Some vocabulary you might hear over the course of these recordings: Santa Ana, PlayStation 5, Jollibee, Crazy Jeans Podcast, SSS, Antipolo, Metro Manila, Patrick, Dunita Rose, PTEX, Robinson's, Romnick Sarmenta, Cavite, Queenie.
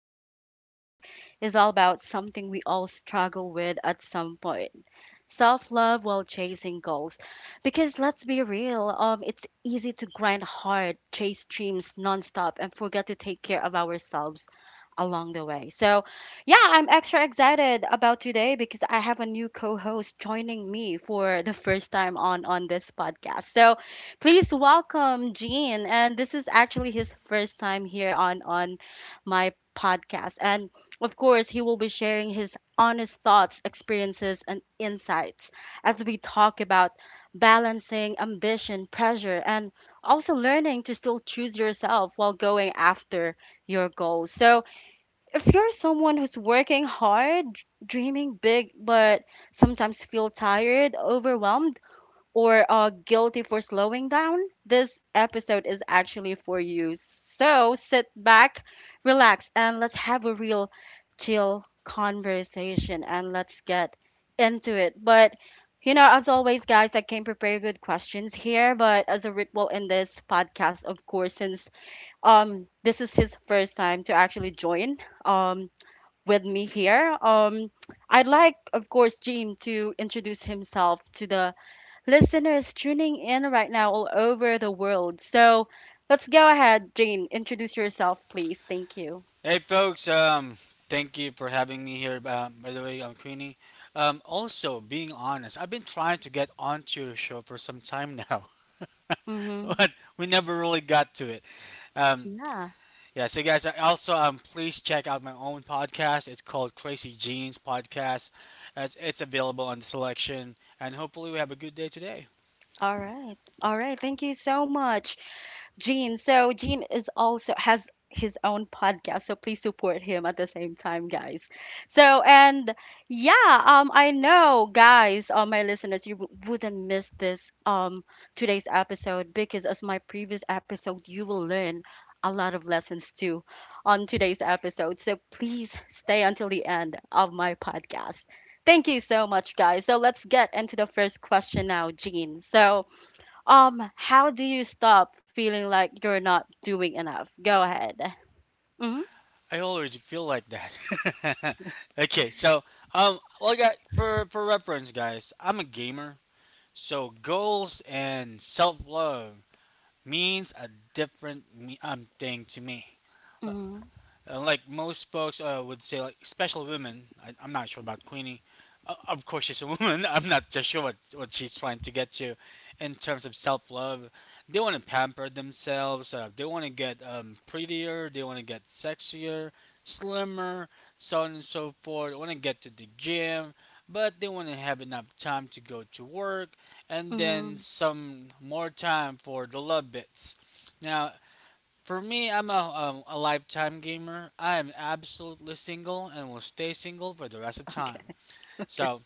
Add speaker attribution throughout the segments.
Speaker 1: and today's episode is all about something we all struggle with at some point, self love while chasing goals. Because let's be real, it's easy to grind hard, chase dreams nonstop, and forget to take care of ourselves along the way. So yeah, I'm extra excited about today because I have a new co-host joining me for the first time on this podcast. So, please welcome Gene, and this is actually his first time here on my podcast, and of course he will be sharing his honest thoughts, experiences, and insights as we talk about balancing ambition, pressure, and also learning to still choose yourself while going after your goals. So, if you're someone who's working hard, dreaming big, but sometimes feel tired, overwhelmed, or guilty for slowing down, this episode is actually for you. So sit back, relax, and let's have a real chill conversation, and let's get into it. But you know, as always, guys, I came prepared with questions here, but as a ritual in this podcast, of course, since this is his first time to actually join um with me here, I'd like, of course, Gene to introduce himself to the listeners tuning in right now all over the world. So let's go ahead, Jane. Introduce yourself, please. Thank you.
Speaker 2: Hey folks, thank you for having me here. By the way, I'm Queenie. Also, being honest, I've been trying to get onto your show for some time now,
Speaker 1: Mm-hmm.
Speaker 2: but we never really got to it. Um,
Speaker 1: Yeah.
Speaker 2: yeah, so guys, I also please check out my own podcast. It's called Crazy Jeans Podcast. As it's available on the selection, and hopefully we have a good day today.
Speaker 1: All right. All right. Thank you so much. Gene. So Gene is also has his own podcast, so please support him at the same time, guys. So and yeah, I know, guys, all my listeners, wouldn't miss this today's episode, because as my previous episode, you will learn a lot of lessons too on today's episode. So please stay until the end of my podcast. Thank you so much, guys. So let's get into the first question now, Gene. So how do you stop feeling like you're not doing enough? Go ahead. Mhm.
Speaker 2: I already feel like that. Okay, so well, I got for reference, guys, I'm a gamer. So goals and self love means a different thing to me.
Speaker 1: Mhm.
Speaker 2: Like most folks would say, like special women. I'm not sure about Queenie. Of course, she's a woman. I'm not just sure what she's trying to get to in terms of self love. They want to pamper themselves. They want to get prettier. They want to get sexier, slimmer, so on and so forth. They want to get to the gym, but they want to have enough time to go to work and then
Speaker 1: Mhm.
Speaker 2: some more time for the love bits. Now, for me, I'm a lifetime gamer. I am absolutely single and will stay single for the rest of
Speaker 1: Okay.
Speaker 2: time.
Speaker 1: Okay.
Speaker 2: So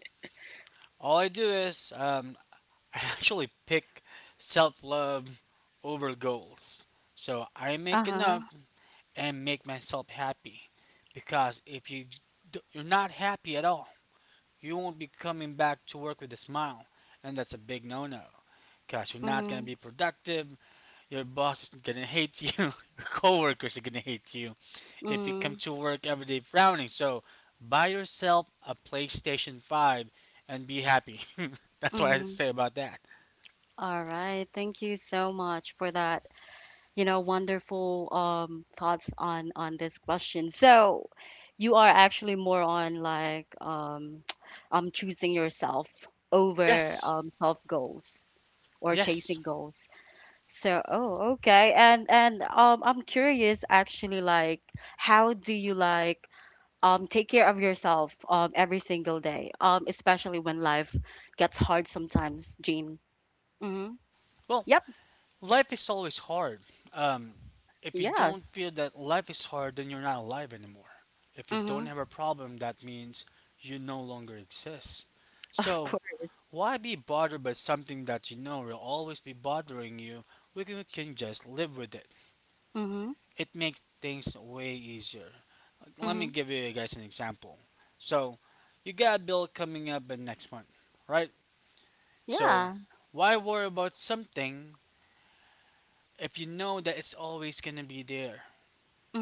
Speaker 2: all I do is I actually pick self love over goals. So I make
Speaker 1: Uh-huh.
Speaker 2: enough and make myself happy, because if you you're not happy at all, you won't be coming back to work with a smile, and that's a big no-no. Because you're not gonna
Speaker 1: Mhm.
Speaker 2: be productive. Your boss is gonna hate you. Your coworkers are gonna hate you if you come
Speaker 1: Mhm.
Speaker 2: to work every day frowning. So buy yourself a PlayStation 5 and be happy. That's what I
Speaker 1: Mhm.
Speaker 2: say about that.
Speaker 1: All right. Thank you so much for that, you know, wonderful thoughts on this question. So, you are actually more on like choosing yourself over
Speaker 2: Yes,
Speaker 1: self goals or
Speaker 2: yes.
Speaker 1: chasing goals. So, oh, okay. And I'm curious actually, like how do you like take care of yourself every single day? Especially when life gets hard sometimes, Jean. Mhm.
Speaker 2: Well,
Speaker 1: Yep.
Speaker 2: life is always hard. Um, if you don't
Speaker 1: Yes.
Speaker 2: feel that life is hard, then you're not alive anymore. If you don't
Speaker 1: Mhm.
Speaker 2: have a problem, that means you no longer exist.
Speaker 1: Of
Speaker 2: So
Speaker 1: course.
Speaker 2: why be bothered by something that you know will always be bothering you? We can just live with it.
Speaker 1: Mhm.
Speaker 2: It makes things way easier. Let me
Speaker 1: Mhm.
Speaker 2: give you guys an example. So, you got a bill coming up in next month, right? So,
Speaker 1: Yeah.
Speaker 2: why worry about something if you know that it's always gonna be there,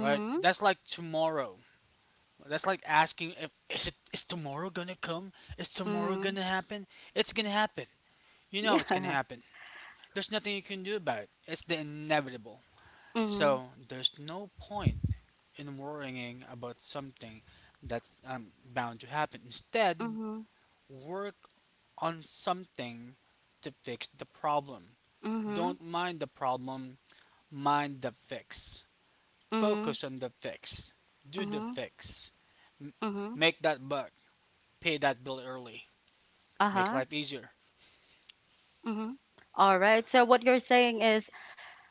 Speaker 2: right? That's like tomorrow. That's like asking if is tomorrow gonna come? Is tomorrow
Speaker 1: Mhm.
Speaker 2: gonna happen? It's gonna happen. You know it's
Speaker 1: Yeah.
Speaker 2: gonna happen. There's nothing you can do about it. It's the inevitable.
Speaker 1: Mhm.
Speaker 2: So there's no point in worrying about something that's bound to happen. Instead,
Speaker 1: Mhm.
Speaker 2: work on something to fix the problem.
Speaker 1: Mhm.
Speaker 2: Don't mind the problem, mind the fix.
Speaker 1: Mhm.
Speaker 2: Focus on the fix. Do the
Speaker 1: Mhm.
Speaker 2: fix.
Speaker 1: Mhm.
Speaker 2: Make that buck. Pay that bill early. Makes
Speaker 1: Uh-huh.
Speaker 2: life easier.
Speaker 1: Mhm. All right. So what you're saying is,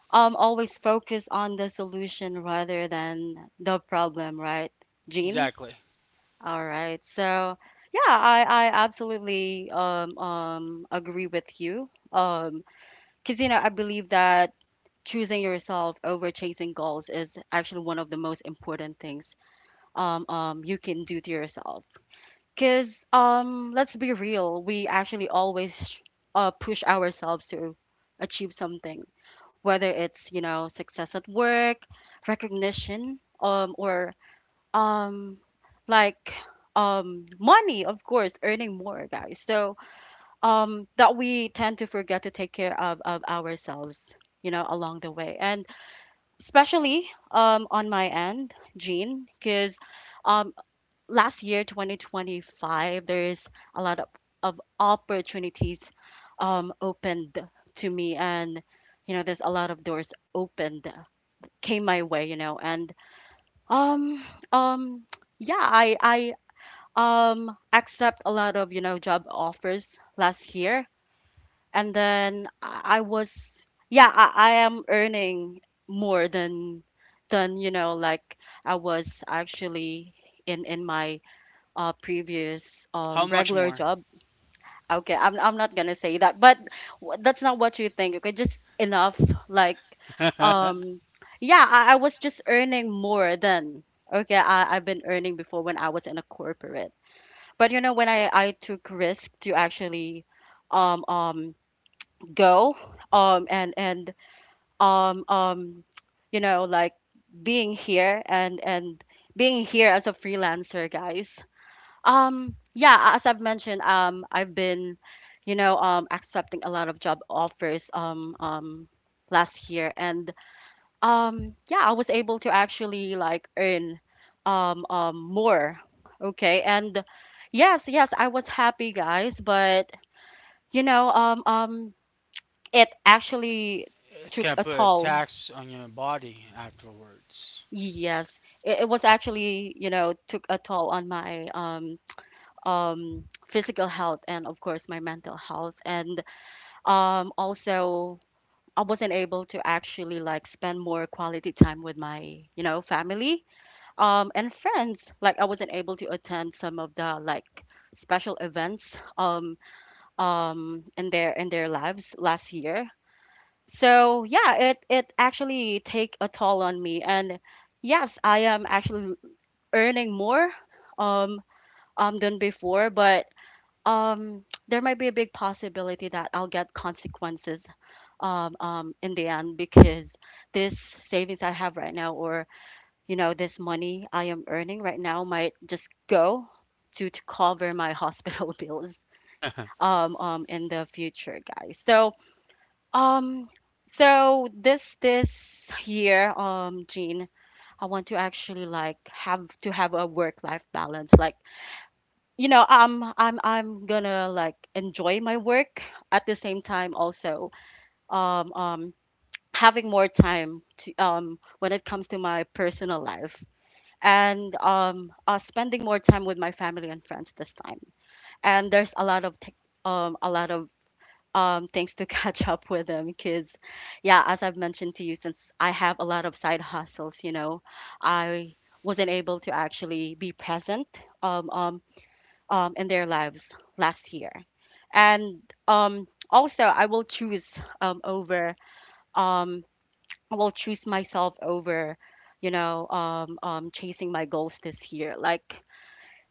Speaker 1: always focus on the solution rather than the problem, right, Jean?
Speaker 2: Exactly.
Speaker 1: All right. So yeah, I absolutely agree with you. Because you know, I believe that choosing yourself over chasing goals is actually one of the most important things you can do to yourself. Because let's be real, we actually always push ourselves to achieve something, whether it's, you know, success at work, recognition, or um like money, of course, earning more, guys. So that we tend to forget to take care of ourselves, you know, along the way. And especially on my end, Jean, because um last year, 2025, there's a lot of opportunities opened to me, and you know, there's a lot of doors opened, came my way, you know. And um um yeah, I accept a lot of, you know, job offers last year. And then I was, yeah, I am earning more than, you know, like I was actually in my previous
Speaker 2: How much
Speaker 1: regular
Speaker 2: more?
Speaker 1: job. Okay, I'm not gonna say that, but that's not what you think. Okay, just enough. Like, um, yeah, I was just earning more than okay. I've been earning before when I was in a corporate, but you know, when I took risk to actually, um um go and um um, you know, like being here and being here as a freelancer, guys. Yeah, as I've mentioned, I've been, you know, accepting a lot of job offers last year, and yeah, I was able to actually like earn more. Okay, and yes, yes, I was happy, guys, but you know, it actually
Speaker 2: It's gonna
Speaker 1: took a
Speaker 2: put a
Speaker 1: toll.
Speaker 2: tax on your body afterwards.
Speaker 1: Yes, it was actually, you know, took a toll on my physical health, and of course my mental health, and also I wasn't able to actually like spend more quality time with my, you know, family and friends. Like I wasn't able to attend some of the like special events in their lives last year. So yeah, it actually take a toll on me, and yes, I am actually earning more um, than before, but um there might be a big possibility that I'll get consequences in the end, because this savings I have right now, or you know, this money I am earning right now, might just go to cover my hospital bills in the future, guys. So um so this year, Jean, I want to actually like have to have a work life balance. Like you know, I'm gonna like enjoy my work at the same time, also um um having more time to when it comes to my personal life, and spending more time with my family and friends this time. And there's a lot of tech, a lot of things to catch up with them, because yeah, as I've mentioned to you, since I have a lot of side hustles, you know, I wasn't able to actually be present um, um in their lives last year. And also, I will choose um, I will choose myself over, you know, chasing my goals this year. Like,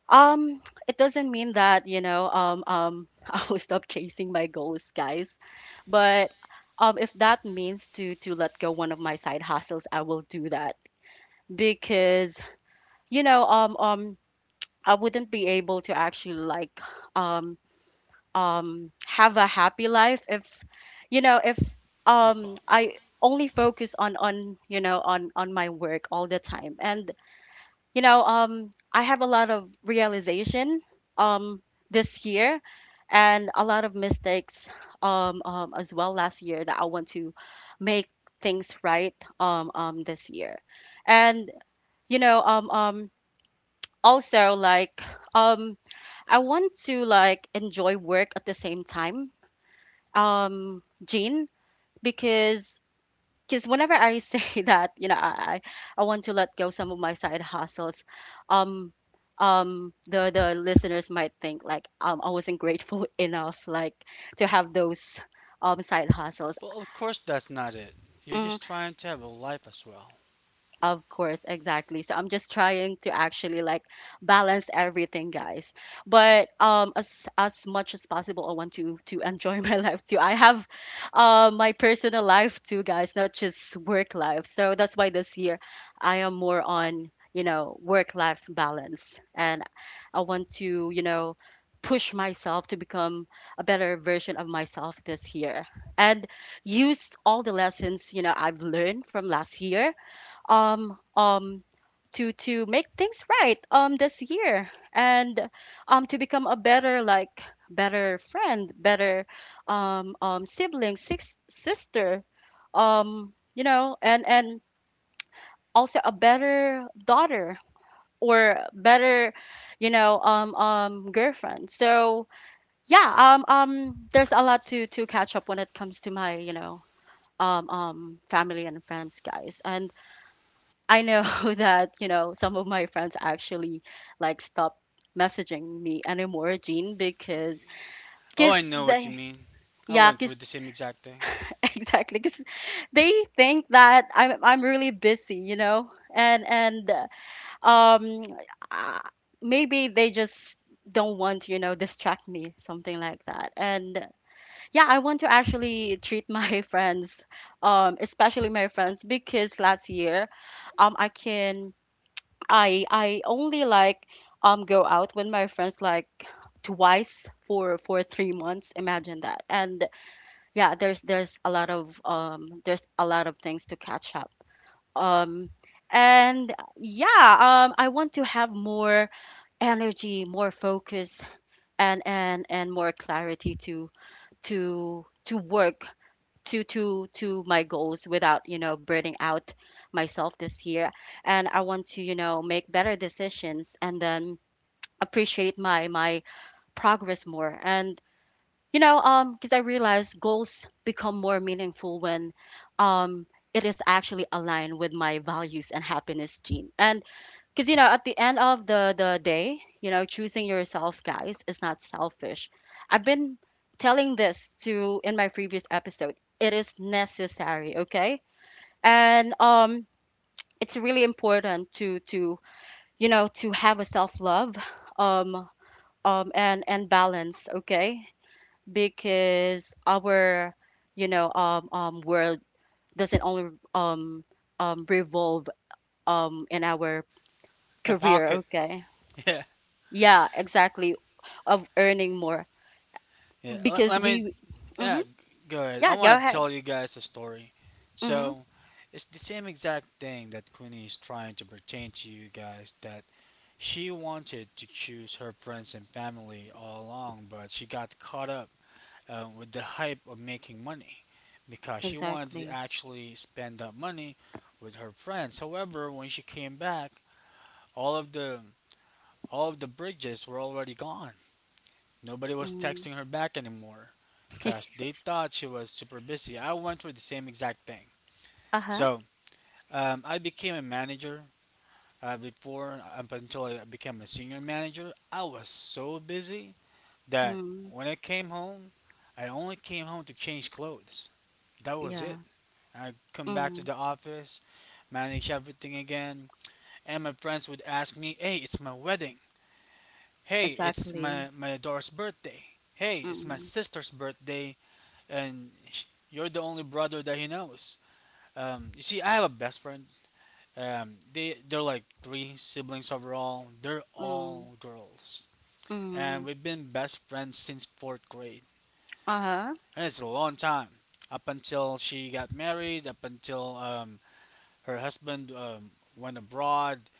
Speaker 1: um, it doesn't mean that, you know, I will stop chasing my goals, guys. But if that means to let go one of my side hustles, I will do that because, you know, I wouldn't be able to actually like um have a happy life if, you know, if I only focus on you know, on my work all the time. And you know, I have a lot of realization um this year, and a lot of mistakes as well last year, that I want to make things right this year. And you know, also like, um I want to like enjoy work at the same time, Jean, because whenever I say that, you know, I want to let go some of my side hustles, um the listeners might think like, I wasn't grateful enough, like to have those side hustles.
Speaker 2: But of course, that's not it. You're just trying to have a life as well.
Speaker 1: Of course, exactly. So I'm just trying to actually like balance everything, guys. But as much as possible, I want to enjoy my life too. I have my personal life too, guys, not just work life. So that's why this year I am more on, you know, work life balance. And I want to, you know, push myself to become a better version of myself this year, and use all the lessons, you know, I've learned from last year um um to make things right this year. And to become a better, like better friend, better sibling, six sister, you know, and also a better daughter, or better, you know, girlfriend. So yeah, there's a lot to catch up when it comes to my, you know, family and friends, guys. And I know that, you know, some of my friends actually like stop messaging me anymore, Jean, because
Speaker 2: Oh, I
Speaker 1: cause
Speaker 2: know what you
Speaker 1: they
Speaker 2: mean. I
Speaker 1: yeah,
Speaker 2: went through
Speaker 1: cause
Speaker 2: the same exact thing.
Speaker 1: exactly, cause they think that I'm really busy, you know. And and uh, um uh, maybe they just don't want to, you know, distract me, something like that. And yeah, I want to actually treat my friends, especially my friends, because last year, I can I only like go out with my friends like twice for 3 months. Imagine that. And yeah, there's a lot of there's a lot of things to catch up. Um and yeah, I want to have more energy, more focus and more clarity to work to my goals without burning out myself this year. And I want to, make better decisions and then appreciate my progress more. And because I realize goals become more meaningful when um it is actually aligned with my values and happiness, gene and because, you know, at the end of the day, you know, choosing yourself, guys, is not selfish. I've been telling this to in my previous episode. It is necessary, okay? And it's really important to you know, to have a self love um and balance, okay? Because our, world doesn't only revolve in our
Speaker 2: And
Speaker 1: career,
Speaker 2: pocket.
Speaker 1: okay?
Speaker 2: Yeah,
Speaker 1: Yeah, exactly. Of earning more
Speaker 2: yeah. Let,
Speaker 1: because
Speaker 2: let me.
Speaker 1: we. Mm-hmm.
Speaker 2: Yeah, go ahead. I
Speaker 1: Yeah, go
Speaker 2: want to
Speaker 1: ahead.
Speaker 2: tell you guys a story.
Speaker 1: Mm-hmm.
Speaker 2: So, it's the same exact thing that Queenie is trying to pertain to you guys. That she wanted to choose her friends and family all along, but she got caught up with the hype of making money because she wanted to
Speaker 1: Exactly.
Speaker 2: actually spend that money with her friends. However, when she came back, all of the all of the bridges were already gone. Nobody was
Speaker 1: Mm.
Speaker 2: texting her back anymore because they thought she was super busy. I went through the same exact thing.
Speaker 1: Uh huh.
Speaker 2: So I became a manager before up until I became a senior manager. I was so busy that
Speaker 1: Mm.
Speaker 2: when I came home, I only came home to change clothes. That was
Speaker 1: Yeah.
Speaker 2: it. I come back to
Speaker 1: Mm.
Speaker 2: the office, manage everything again, and my friends would ask me, "Hey, it's my wedding. Hey, it's
Speaker 1: Exactly.
Speaker 2: my daughter's birthday. Hey, it's my
Speaker 1: Mm.
Speaker 2: sister's birthday, and you're the only brother that he knows." You see, I have a best friend. They're like three siblings overall. They're
Speaker 1: Mm.
Speaker 2: all girls, and
Speaker 1: Mm.
Speaker 2: we've been best friends since fourth grade.
Speaker 1: Uh-huh.
Speaker 2: And it's a long time up until she got married, up until her husband went abroad,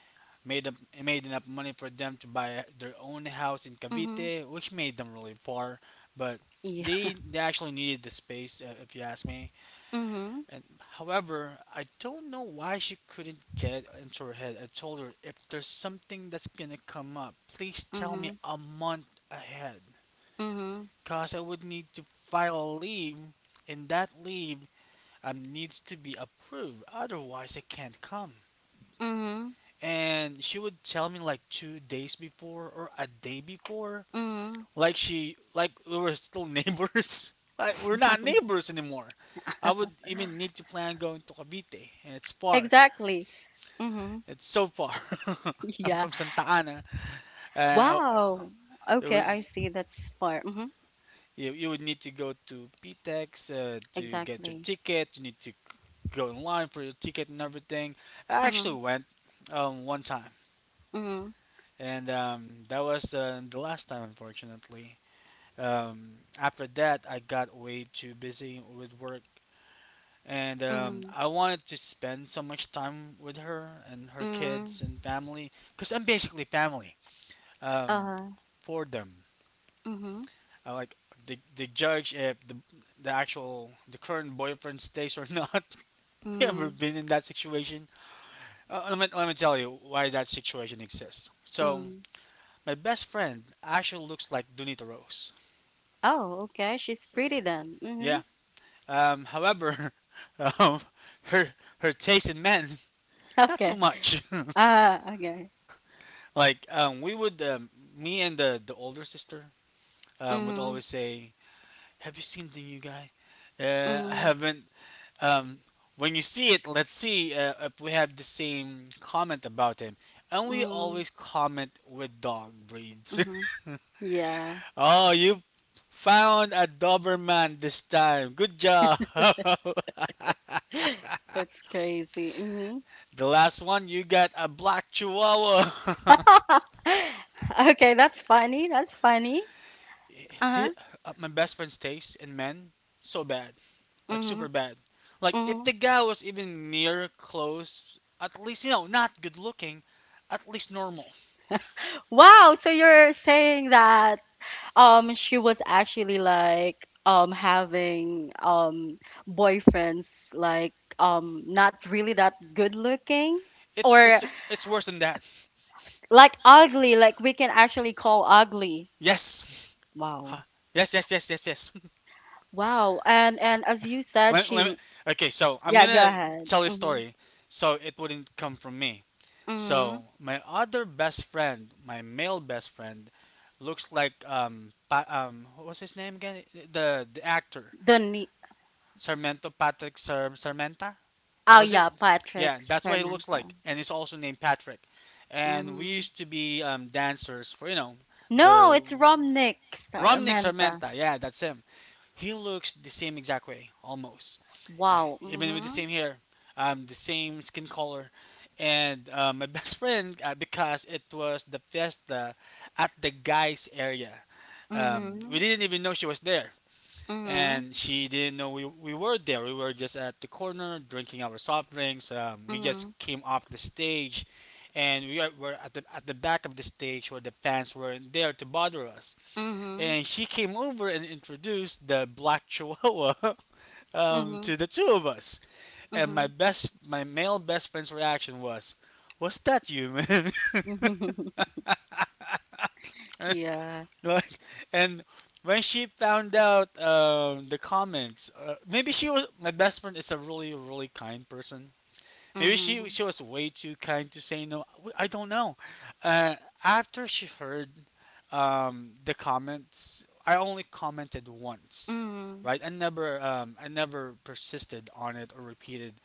Speaker 2: made up, made enough money for them to buy their own house in
Speaker 1: Mm-hmm.
Speaker 2: Cavite, which made them really far. But
Speaker 1: Yeah.
Speaker 2: they actually needed the space, if you ask me.
Speaker 1: Mm-hmm.
Speaker 2: And however, I don't know why she couldn't get into her head. I told her if there's something that's gonna come up, please tell
Speaker 1: Mm-hmm.
Speaker 2: me a month ahead,
Speaker 1: Mm-hmm.
Speaker 2: cause I would need to file a leave, and that leave needs to be approved. Otherwise, I can't come.
Speaker 1: Mm-hmm.
Speaker 2: And she would tell me like 2 days before or a day before,
Speaker 1: Mm-hmm.
Speaker 2: like she like we were still neighbors, like we're not neighbors anymore. I would even need to plan going to Cavite, and it's far.
Speaker 1: Exactly. Mm-hmm.
Speaker 2: It's so far. I'm
Speaker 1: Yeah.
Speaker 2: from Santa Ana. uh, I-
Speaker 1: Wow. Okay,
Speaker 2: we-
Speaker 1: I see. That's smart. Mm-hmm.
Speaker 2: you, you would need to go to PTEX to get your
Speaker 1: Exactly.
Speaker 2: ticket. You need to go in line for your ticket and everything. I actually
Speaker 1: Mm-hmm.
Speaker 2: went one time,
Speaker 1: Mm-hmm.
Speaker 2: and that was the last time, unfortunately. After that, I got way too busy with work, and
Speaker 1: Mm-hmm.
Speaker 2: I wanted to spend so much time with her and her kids
Speaker 1: Mm-hmm.
Speaker 2: and family, because I'm basically family um,
Speaker 1: Uh-huh.
Speaker 2: for them.
Speaker 1: Mm-hmm.
Speaker 2: I like the judge if the current boyfriend stays or not. You ever
Speaker 1: Mm,
Speaker 2: been in that situation? Let me tell you why that situation exists. So
Speaker 1: mm.
Speaker 2: my best friend actually looks like Dunita Rose.
Speaker 1: Oh, okay. She's pretty then. Mm-hmm.
Speaker 2: Yeah. However, um, her her taste in men not so
Speaker 1: Okay.
Speaker 2: much.
Speaker 1: Ah, okay.
Speaker 2: Like we would, me and the older sister would
Speaker 1: Mm,
Speaker 2: always say, "Have you seen the new guy? I
Speaker 1: mm,
Speaker 2: haven't." Um, when you see it, let's see if we have the same comment about him. And we
Speaker 1: mm,
Speaker 2: always comment with dog breeds.
Speaker 1: mm-hmm. Yeah,
Speaker 2: Oh, you found a Doberman this time. Good job.
Speaker 1: that's crazy. Mm-hmm.
Speaker 2: The last one, you got a black Chihuahua.
Speaker 1: Okay, that's funny. That's funny. Uh-huh.
Speaker 2: Hit up my best friend's taste in men so bad, like
Speaker 1: Mm-hmm.
Speaker 2: super bad. Like if
Speaker 1: Mm-hmm.
Speaker 2: the guy was even near close, at least you know not good looking, at least normal.
Speaker 1: Wow, so you're saying that she was actually like having boyfriends like not really that good looking?
Speaker 2: It's
Speaker 1: Or
Speaker 2: it's it's worse than that.
Speaker 1: like ugly, like we can actually call ugly.
Speaker 2: Yes,
Speaker 1: Wow.
Speaker 2: yes, yes, yes, yes, yes.
Speaker 1: Wow. And as you said,
Speaker 2: let,
Speaker 1: she,
Speaker 2: let me, okay, so I'm
Speaker 1: yeah, go
Speaker 2: gonna
Speaker 1: ahead.
Speaker 2: tell a
Speaker 1: Mm-hmm.
Speaker 2: story. So it wouldn't come from me.
Speaker 1: Mm-hmm.
Speaker 2: So my other best friend, my male best friend, looks like what was his name again? The actor
Speaker 1: the ne-
Speaker 2: Sarmento, Patrick Sarmenta,
Speaker 1: oh
Speaker 2: was
Speaker 1: yeah,
Speaker 2: it?
Speaker 1: Patrick
Speaker 2: Yeah, that's what he looks
Speaker 1: Sarmenta.
Speaker 2: like, and he's also named Patrick. And we
Speaker 1: Mm-hmm.
Speaker 2: used to be dancers for you know
Speaker 1: No,
Speaker 2: the
Speaker 1: it's Romnick
Speaker 2: Romnick
Speaker 1: Sarmenta.
Speaker 2: Sarmenta. Yeah, that's him. He looks the same exact way, almost. Yeah,
Speaker 1: Wow.
Speaker 2: even with the
Speaker 1: Mm-hmm.
Speaker 2: same hair, the same skin color. And my best friend, because it was the fiesta at the guys' area, we
Speaker 1: Mm-hmm.
Speaker 2: didn't even know she was there,
Speaker 1: Mm-hmm.
Speaker 2: and she didn't know we were there. We were just at the corner drinking our soft drinks. We just came off the stage, and we were at the back of the stage where the fans weren't there to bother us.
Speaker 1: Mm-hmm.
Speaker 2: And she came over and introduced the black chihuahua
Speaker 1: Mm-hmm.
Speaker 2: to the two of us. And
Speaker 1: Mm-hmm.
Speaker 2: my male best friend's reaction was, "Was that you, man?"
Speaker 1: Mm-hmm. Yeah.
Speaker 2: Like, and when she found out the comments, maybe she was my best friend is a really really kind person. Maybe
Speaker 1: Mm-hmm.
Speaker 2: she was way too kind to say no. I don't know. Uh, after she heard the comments, I only commented once,
Speaker 1: Mm-hmm.
Speaker 2: right? I never persisted on it or repeated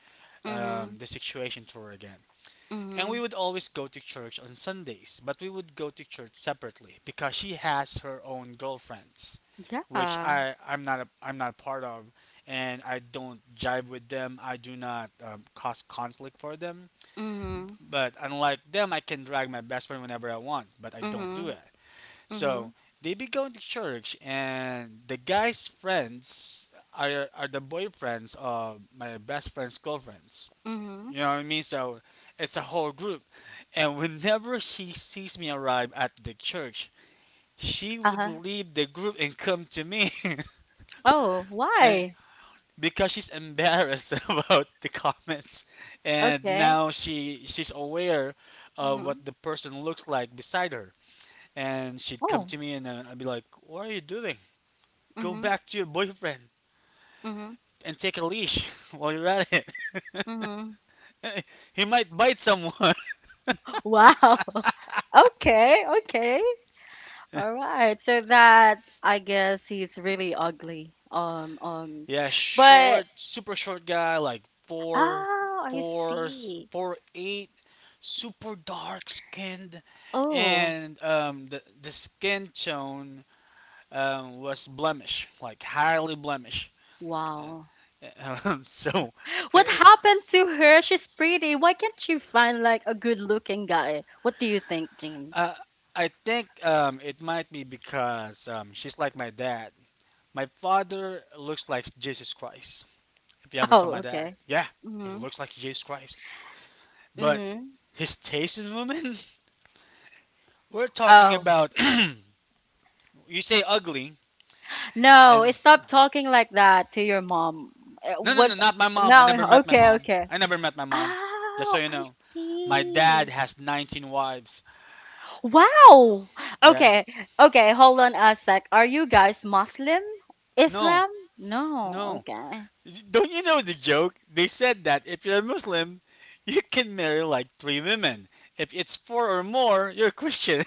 Speaker 1: Mm-hmm. Mm-hmm.
Speaker 2: the situation to her again. And we would always go to church on Sundays, but we would go to church separately because she has her own girlfriends,
Speaker 1: Yeah.
Speaker 2: which
Speaker 1: Mm-hmm.
Speaker 2: I'm not part of, and I don't jive with them. I do not cause conflict for them.
Speaker 1: Mm-hmm.
Speaker 2: But unlike them, I can drag my best friend whenever I want, but I don't do
Speaker 1: Mm-hmm.
Speaker 2: it. So they be going to church, and the guy's friends are the boyfriends of my best friend's girlfriends.
Speaker 1: Mm-hmm.
Speaker 2: You know what I mean? So it's a whole group. And whenever she sees me arrive at the church, she would
Speaker 1: Uh-huh.
Speaker 2: leave the group and come to me.
Speaker 1: Oh,
Speaker 2: And-
Speaker 1: why?
Speaker 2: because she's embarrassed about the comments. And
Speaker 1: Okay.
Speaker 2: now she's aware of what
Speaker 1: Mhm.
Speaker 2: the person looks like beside her. And she'd come
Speaker 1: Oh.
Speaker 2: to me and I'd be like, "What are you doing?" Go
Speaker 1: Mhm.
Speaker 2: back to your boyfriend
Speaker 1: Mhm.
Speaker 2: and take a leash while you're at it.
Speaker 1: Mhm.
Speaker 2: He might bite someone.
Speaker 1: Wow. Okay. Okay. All right. So that, I guess he's really ugly.
Speaker 2: Yeah,
Speaker 1: But
Speaker 2: short, super short guy, like
Speaker 1: oh, I see.
Speaker 2: four, eight, super dark skinned,
Speaker 1: Oh,
Speaker 2: and the skin tone was blemish, like highly blemish.
Speaker 1: wow.
Speaker 2: So,
Speaker 1: What
Speaker 2: I
Speaker 1: happened to her? She's pretty. Why can't she find like a good-looking guy? What do you think, Jean?
Speaker 2: I I think it might be because she's like my dad. My father looks like Jesus Christ. If you ever saw
Speaker 1: Oh,
Speaker 2: my dad,
Speaker 1: okay.
Speaker 2: yeah, he
Speaker 1: Mhm.
Speaker 2: looks like Jesus Christ, but
Speaker 1: Mhm.
Speaker 2: his taste in women we're talking
Speaker 1: Oh,
Speaker 2: about you say ugly
Speaker 1: no,
Speaker 2: and,
Speaker 1: stop talking like that to your mom. It
Speaker 2: no, no, no,
Speaker 1: was
Speaker 2: not my mom. I
Speaker 1: no,
Speaker 2: never met my
Speaker 1: okay,
Speaker 2: mom.
Speaker 1: okay.
Speaker 2: I never met my mom. Just so
Speaker 1: Oh,
Speaker 2: you
Speaker 1: I
Speaker 2: know. My
Speaker 1: see.
Speaker 2: dad has 19 wives.
Speaker 1: Wow.
Speaker 2: Yeah.
Speaker 1: Okay, okay. Hold on a sec. Are you guys Muslim?
Speaker 2: No.
Speaker 1: Islam? No.
Speaker 2: No.
Speaker 1: Okay.
Speaker 2: Don't you know the joke? They said that if you're a Muslim, you can marry like three women. If it's four or more, you're a Christian.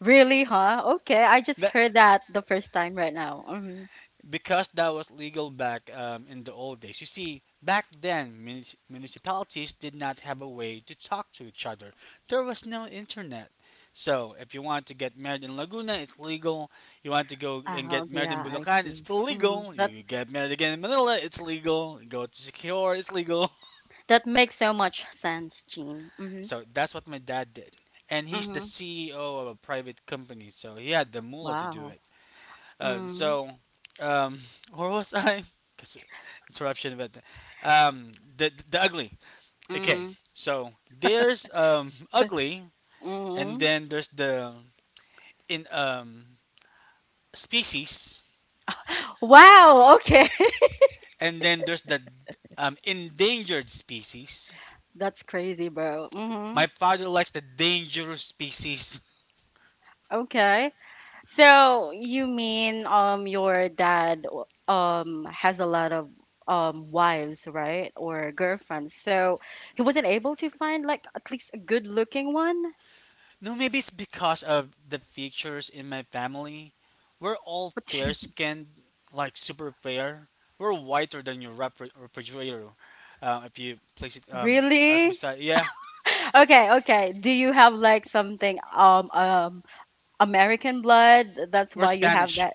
Speaker 1: Really, huh? Okay. I just
Speaker 2: That,
Speaker 1: heard that the first time right now. Hmm.
Speaker 2: because that was legal back in the old days. You see, back then, municipalities did not have a way to talk to each other. There was no internet. So, if you want to get married in Laguna, it's legal. You want to go and
Speaker 1: Oh,
Speaker 2: get married
Speaker 1: yeah.
Speaker 2: in
Speaker 1: I
Speaker 2: Bulacan, it's
Speaker 1: see.
Speaker 2: still
Speaker 1: Hmm.
Speaker 2: legal.
Speaker 1: That
Speaker 2: You get married again in Manila, it's legal. You go to Secure, it's legal.
Speaker 1: that makes so much sense, Jean. Mm-hmm.
Speaker 2: So, that's what my dad did. And he's the
Speaker 1: Mm-hmm.
Speaker 2: CEO of a private company, so he had the moolah to do
Speaker 1: Wow.
Speaker 2: it. Uh,
Speaker 1: Mm-hmm.
Speaker 2: so, um, where was I? 'Cause interruption, but um, the ugly. Okay,
Speaker 1: Mm-hmm.
Speaker 2: so there's ugly, and
Speaker 1: Mm-hmm.
Speaker 2: then there's the in species,
Speaker 1: Wow, okay.
Speaker 2: and then there's the endangered species.
Speaker 1: That's crazy, bro. Mhm.
Speaker 2: My father likes the dangerous species.
Speaker 1: Okay. So you mean your dad has a lot of wives, right? Or girlfriends. So he wasn't able to find like at least a good-looking one?
Speaker 2: No, maybe it's because of the features in my family. We're all
Speaker 1: What
Speaker 2: fair
Speaker 1: you
Speaker 2: skinned, like super fair. We're whiter than your refrigerator, if you place it as
Speaker 1: really?
Speaker 2: beside. Yeah,
Speaker 1: Okay, okay. Do you have like something American blood? That's
Speaker 2: we're
Speaker 1: why you have
Speaker 2: Spanish.
Speaker 1: that.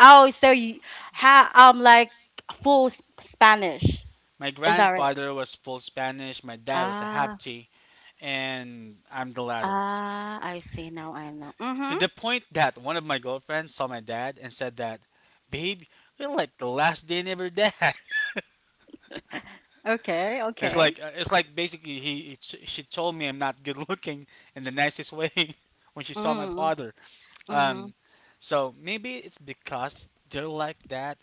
Speaker 1: Oh, so you ha like Spanish.
Speaker 2: My
Speaker 1: Is that right?
Speaker 2: grandfather was full Spanish. My dad was a half
Speaker 1: Ah.
Speaker 2: T, and I'm the latter.
Speaker 1: Ah, I see. Now I know.
Speaker 2: To
Speaker 1: Mm-hmm.
Speaker 2: the point that one of my girlfriends saw my dad and said that, "Babe, you're like the last day never dad."
Speaker 1: Okay,
Speaker 2: It's
Speaker 1: okay.
Speaker 2: like uh, it's like basically he she told me I'm not good looking in the nicest way when she saw my
Speaker 1: Mm,
Speaker 2: father.
Speaker 1: mhm,
Speaker 2: Um, so maybe it's because they're like that.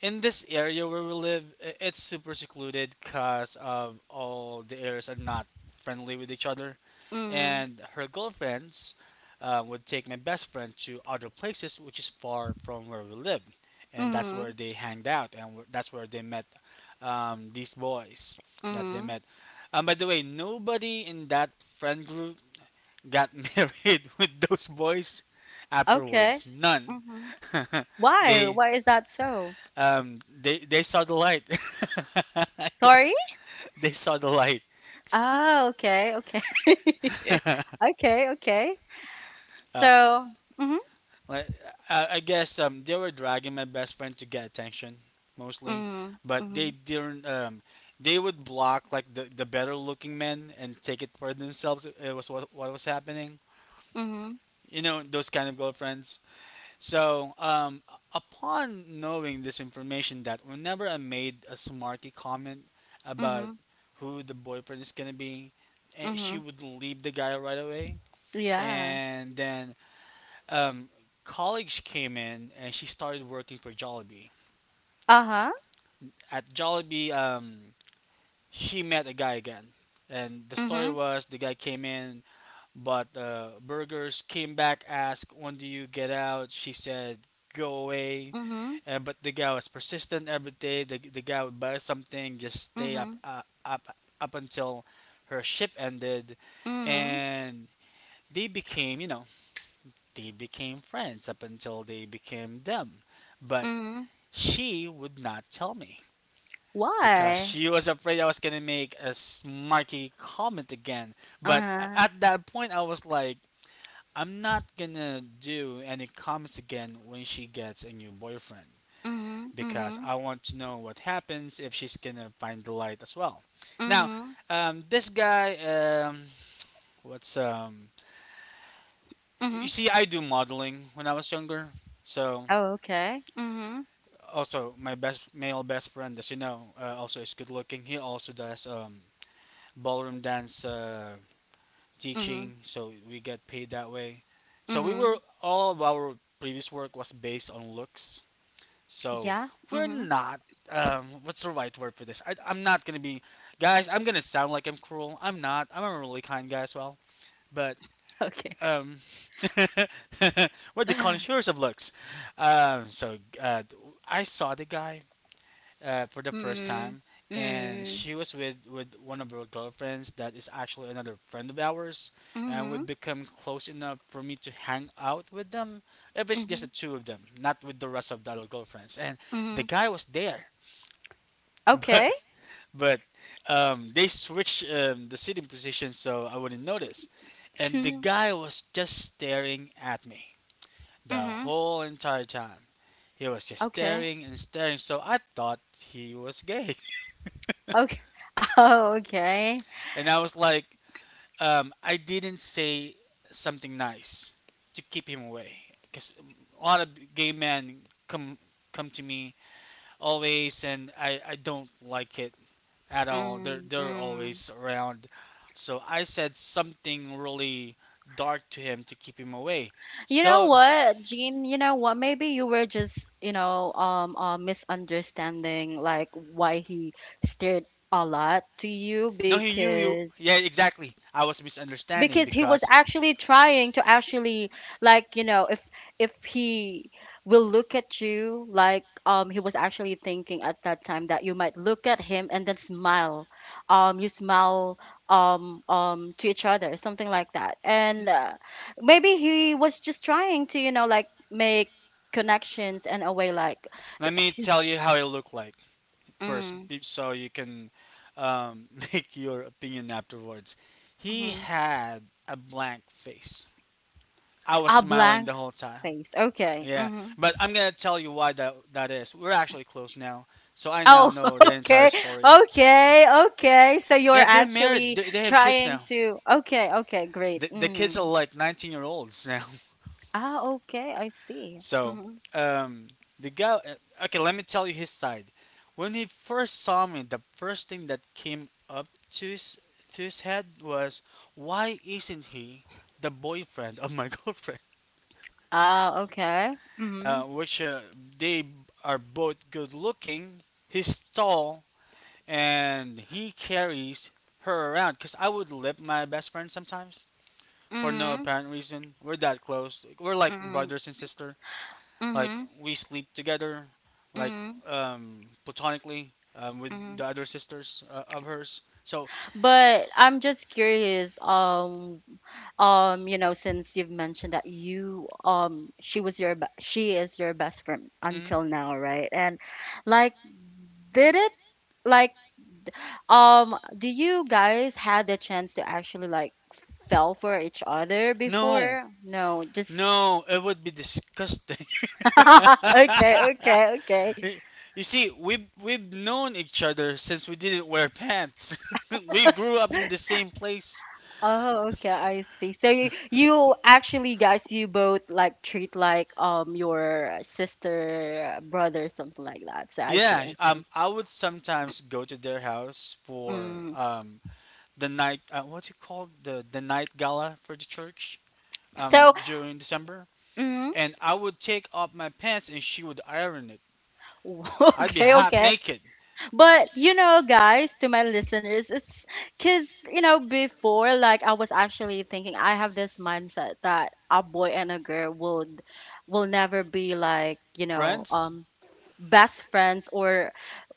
Speaker 2: In this area where we live, it's super secluded because of all the areas are not friendly with each other,
Speaker 1: mm,
Speaker 2: and her girlfriends would take my best friend to other places which is far from where we live, and that's where
Speaker 1: mhm,
Speaker 2: they hanged out, and that's where they met these boys that they
Speaker 1: mhm.
Speaker 2: met. By the way, nobody in that friend group got married with those boys
Speaker 1: Okay.
Speaker 2: afterwards. None.
Speaker 1: Mhm. Why?
Speaker 2: they
Speaker 1: Why is that so?
Speaker 2: they saw the light. I
Speaker 1: Sorry?
Speaker 2: guess they saw the light.
Speaker 1: Ah, okay, okay. Okay, okay.
Speaker 2: Uh,
Speaker 1: So, mhm,
Speaker 2: like, I guess they were dragging my best friend to get attention mostly,
Speaker 1: mhm,
Speaker 2: but they
Speaker 1: mhm,
Speaker 2: didn't. They would block like the better looking men and take it for themselves. It was what was happening.
Speaker 1: mhm,
Speaker 2: You know those kind of girlfriends. So, upon knowing this information, that whenever I made a smarky comment about
Speaker 1: mhm,
Speaker 2: who the boyfriend is gonna be, she
Speaker 1: mhm.
Speaker 2: would leave the guy right away.
Speaker 1: Yeah.
Speaker 2: And then um, college came in, and she started working for Jollibee.
Speaker 1: Uh-huh.
Speaker 2: At Jollibee, she met a guy again, and the story
Speaker 1: Mhm,
Speaker 2: was the guy came in, but Burgers came back, asked, "When do you get out?" She said, "Go away."
Speaker 1: mhm,
Speaker 2: But the guy was persistent every day. The guy would buy something, just stay up
Speaker 1: mhm,
Speaker 2: uh, up up until her shift ended,
Speaker 1: mhm,
Speaker 2: and they became you know they became friends up until they became them. But
Speaker 1: mhm.
Speaker 2: she would not tell me because
Speaker 1: Why?
Speaker 2: she was afraid I was gonna make a smarky comment again. But
Speaker 1: Uh-huh.
Speaker 2: at that point, I was like, I'm not gonna do any comments again when she gets a new boyfriend,
Speaker 1: Mhm,
Speaker 2: because
Speaker 1: mhm,
Speaker 2: I want to know what happens if she's gonna find the light as well. Now,
Speaker 1: mhm,
Speaker 2: this guy, what's
Speaker 1: mhm.
Speaker 2: you see, I do modeling when I was younger, so
Speaker 1: Oh, okay. Mhm.
Speaker 2: also my best male best friend, as you know, also is good looking. He also does ballroom dance
Speaker 1: Mhm.
Speaker 2: teaching, so we get paid that way. So we were
Speaker 1: Mhm.
Speaker 2: all of our previous work was based on looks. So
Speaker 1: Yeah.
Speaker 2: we're
Speaker 1: Mhm.
Speaker 2: not. What's the right word for this? I'm not gonna be, guys. I'm gonna sound like I'm cruel. I'm not. I'm a really kind guy as well. But
Speaker 1: Okay.
Speaker 2: um, we're the connoisseurs of looks. So, I saw the guy for the first
Speaker 1: Mhm.
Speaker 2: time, and
Speaker 1: Mhm.
Speaker 2: she was with one of her girlfriends that is actually another friend of ours, and we
Speaker 1: Mhm.
Speaker 2: become close enough for me to hang out with them if it's just the
Speaker 1: Mhm.
Speaker 2: two of them, not with the rest of the other girlfriends. And the
Speaker 1: Mhm.
Speaker 2: guy was there, but
Speaker 1: Okay.
Speaker 2: but they switched the sitting position so I wouldn't notice, and the
Speaker 1: Mhm.
Speaker 2: guy was just staring at me the
Speaker 1: Mhm.
Speaker 2: whole entire time. He was just
Speaker 1: Okay.
Speaker 2: staring and staring, so I thought he was gay.
Speaker 1: Okay. Oh, okay.
Speaker 2: And I was like, I didn't say something nice to keep him away because a lot of gay men come come to me always, and I don't like it at all. They're
Speaker 1: Mm,
Speaker 2: they're
Speaker 1: mm.
Speaker 2: always around, so I said something really dark to him to keep him away.
Speaker 1: You know
Speaker 2: So
Speaker 1: what, Jean? You know what? Maybe you were just, you know, misunderstanding like why he stared a lot to you,
Speaker 2: no, he knew you. Yeah, exactly. I was misunderstanding
Speaker 1: because he was
Speaker 2: because
Speaker 1: actually trying to actually like, you know, if he will look at you like, he was actually thinking at that time that you might look at him and then smile, you smile, to each other, something like that. And maybe he was just trying to, you know, like make connections in a way like,
Speaker 2: let me tell you how he looked like. First,
Speaker 1: mm,
Speaker 2: so you can make your opinion afterwards. He
Speaker 1: hmm,
Speaker 2: had a blank face. I was
Speaker 1: a
Speaker 2: smiling
Speaker 1: blank
Speaker 2: the whole time.
Speaker 1: face. Okay.
Speaker 2: Yeah,
Speaker 1: Mhm.
Speaker 2: but I'm gonna tell you why that is. We're actually close now, so I now
Speaker 1: Oh,
Speaker 2: know the entire
Speaker 1: okay,
Speaker 2: story.
Speaker 1: okay, okay. So you're
Speaker 2: Yeah, they're married.
Speaker 1: actually
Speaker 2: They have kids
Speaker 1: trying
Speaker 2: now.
Speaker 1: to. Okay, okay, great.
Speaker 2: The kids are
Speaker 1: Mm.
Speaker 2: like 19-year-olds year olds now.
Speaker 1: Ah, okay, I see.
Speaker 2: So,
Speaker 1: Mm-hmm.
Speaker 2: um, the guy. Okay, let me tell you his side. When he first saw me, the first thing that came up to his head was, "Why isn't he the boyfriend of my girlfriend?"
Speaker 1: Ah, okay. Mm-hmm.
Speaker 2: Which they are both good looking. He's tall, and he carries her around. Cause I would lip my best friend sometimes for no
Speaker 1: Mm-hmm.
Speaker 2: apparent reason. We're that close. We're like
Speaker 1: Mm-hmm.
Speaker 2: brothers and sister. Like
Speaker 1: Mm-hmm.
Speaker 2: we sleep together, like
Speaker 1: Mm-hmm.
Speaker 2: platonically with
Speaker 1: Mm-hmm.
Speaker 2: the other sisters of hers. So
Speaker 1: But I'm just curious. You know, since you've mentioned that you, she was your, she is your best friend until
Speaker 2: hmm
Speaker 1: now, right? And like, did it? Like, um, do you guys had the chance to actually like fell for each other
Speaker 2: no,
Speaker 1: before? No, just
Speaker 2: no, it would be disgusting.
Speaker 1: okay, okay, okay.
Speaker 2: You see, we've known each other since we didn't wear pants. We grew up in the same place.
Speaker 1: Oh, okay, I see. So you actually, guys, you both like treat like your sister, brother, something like that. So I see,
Speaker 2: Yeah,
Speaker 1: I see.
Speaker 2: I would sometimes go to their house for
Speaker 1: Mm.
Speaker 2: the night. What's it called? The night gala for the church.
Speaker 1: So,
Speaker 2: During December,
Speaker 1: mm,
Speaker 2: and I would take off my pants and she would iron it. I'd be
Speaker 1: okay,
Speaker 2: half
Speaker 1: okay.
Speaker 2: naked,
Speaker 1: But you know, guys, to my listeners, it's because, you know, before, like, I was actually thinking, I have this mindset that a boy and a girl would will never be like, you know,
Speaker 2: friends.
Speaker 1: best friends or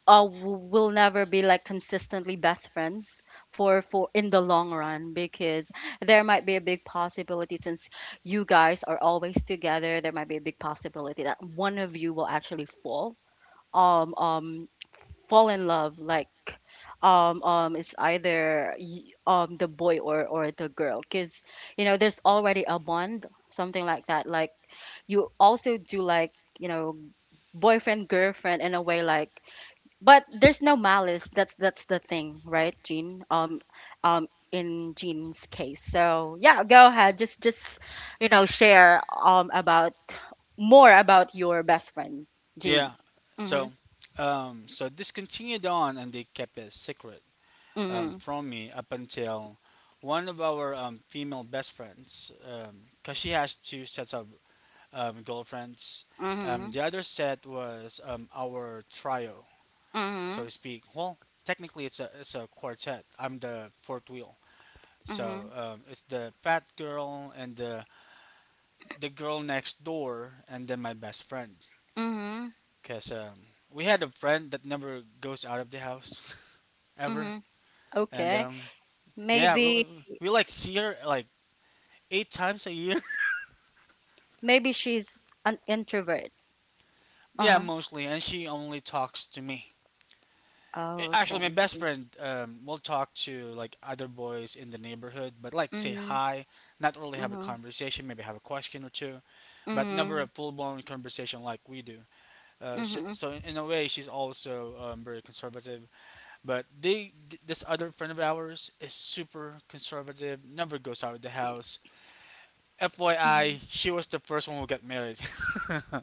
Speaker 1: will never be like consistently best friends for in the long run, because there might be a big possibility, since you guys are always together, there might be a big possibility that one of you will actually fall, um um fall in love, like, it's either the boy or the girl, because, you know, there's already a bond, something like that, like you also do like, you know, boyfriend girlfriend in a way, like, but there's no malice. That's the thing, right, Jean? In Jean's case, so yeah, go ahead. Just, you know, share about more about your best friend, Jean.
Speaker 2: Yeah. So, so this continued on, and they kept it secret
Speaker 1: Mhm,
Speaker 2: from me up until one of our female best friends, because she has two sets of girlfriends. Um,
Speaker 1: mhm,
Speaker 2: the other set was our trio, so
Speaker 1: mhm,
Speaker 2: to speak. Well, technically, it's a quartet. I'm the fourth wheel. So
Speaker 1: mhm,
Speaker 2: it's the fat girl and the girl next door, and then my best friend.
Speaker 1: mhm,
Speaker 2: Cause we had a friend that never goes out of the house, ever.
Speaker 1: mhm.
Speaker 2: And
Speaker 1: Okay.
Speaker 2: yeah, we,
Speaker 1: Maybe
Speaker 2: we we, like see her like eight times a year.
Speaker 1: maybe she's an introvert.
Speaker 2: Yeah,
Speaker 1: Uh-huh.
Speaker 2: mostly, and she only talks to me.
Speaker 1: Oh, okay.
Speaker 2: Actually, my
Speaker 1: I
Speaker 2: best
Speaker 1: see.
Speaker 2: friend will talk to like other boys in the neighborhood, but like say
Speaker 1: Mhm,
Speaker 2: hi, not really have a
Speaker 1: mhm,
Speaker 2: conversation, maybe have a question or two, but never a
Speaker 1: mhm,
Speaker 2: full blown conversation like we do. Uh, so,
Speaker 1: mhm,
Speaker 2: so in a way, she's also very conservative. But this other friend of ours is super conservative, never goes out of the house.
Speaker 1: mhm.
Speaker 2: FYI, she was the first one who got married.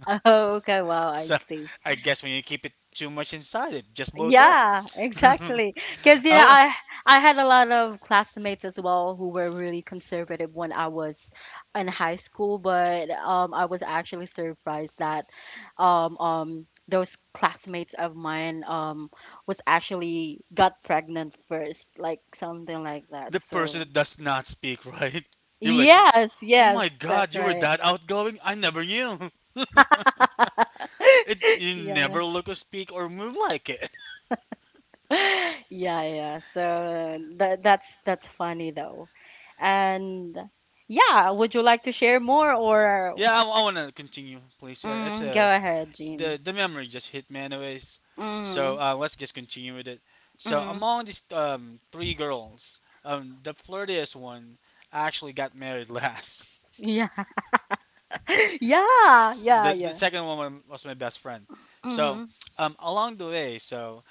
Speaker 1: Oh, okay. Wow, I
Speaker 2: So
Speaker 1: see.
Speaker 2: I guess when you keep it too much inside, it just blows up.
Speaker 1: Yeah, exactly. Because, you know,
Speaker 2: Oh,
Speaker 1: I had a lot of classmates as well who were really conservative when I was in high school, but I was actually surprised that those classmates of mine was actually got pregnant first, like something like that.
Speaker 2: the person
Speaker 1: So
Speaker 2: that does not speak, right? You're like,
Speaker 1: yes,
Speaker 2: oh
Speaker 1: yes,
Speaker 2: my god,
Speaker 1: that's
Speaker 2: you were
Speaker 1: right.
Speaker 2: that outgoing? I never knew. You
Speaker 1: Yeah.
Speaker 2: never look or speak or move like it.
Speaker 1: Yeah, yeah. So that that's funny though. And yeah, would you like to share more
Speaker 2: Yeah,
Speaker 1: or
Speaker 2: I want to continue, please. Yeah, it's
Speaker 1: mm,
Speaker 2: a
Speaker 1: go ahead, Jean?
Speaker 2: the memory just hit me anyways.
Speaker 1: Mm,
Speaker 2: So let's just continue with it. So
Speaker 1: mm.
Speaker 2: among these three girls, the flirtiest one actually got married last.
Speaker 1: Yeah. Yeah, yeah,
Speaker 2: The
Speaker 1: yeah.
Speaker 2: second one was my best friend. So
Speaker 1: Mm-hmm.
Speaker 2: along the way, so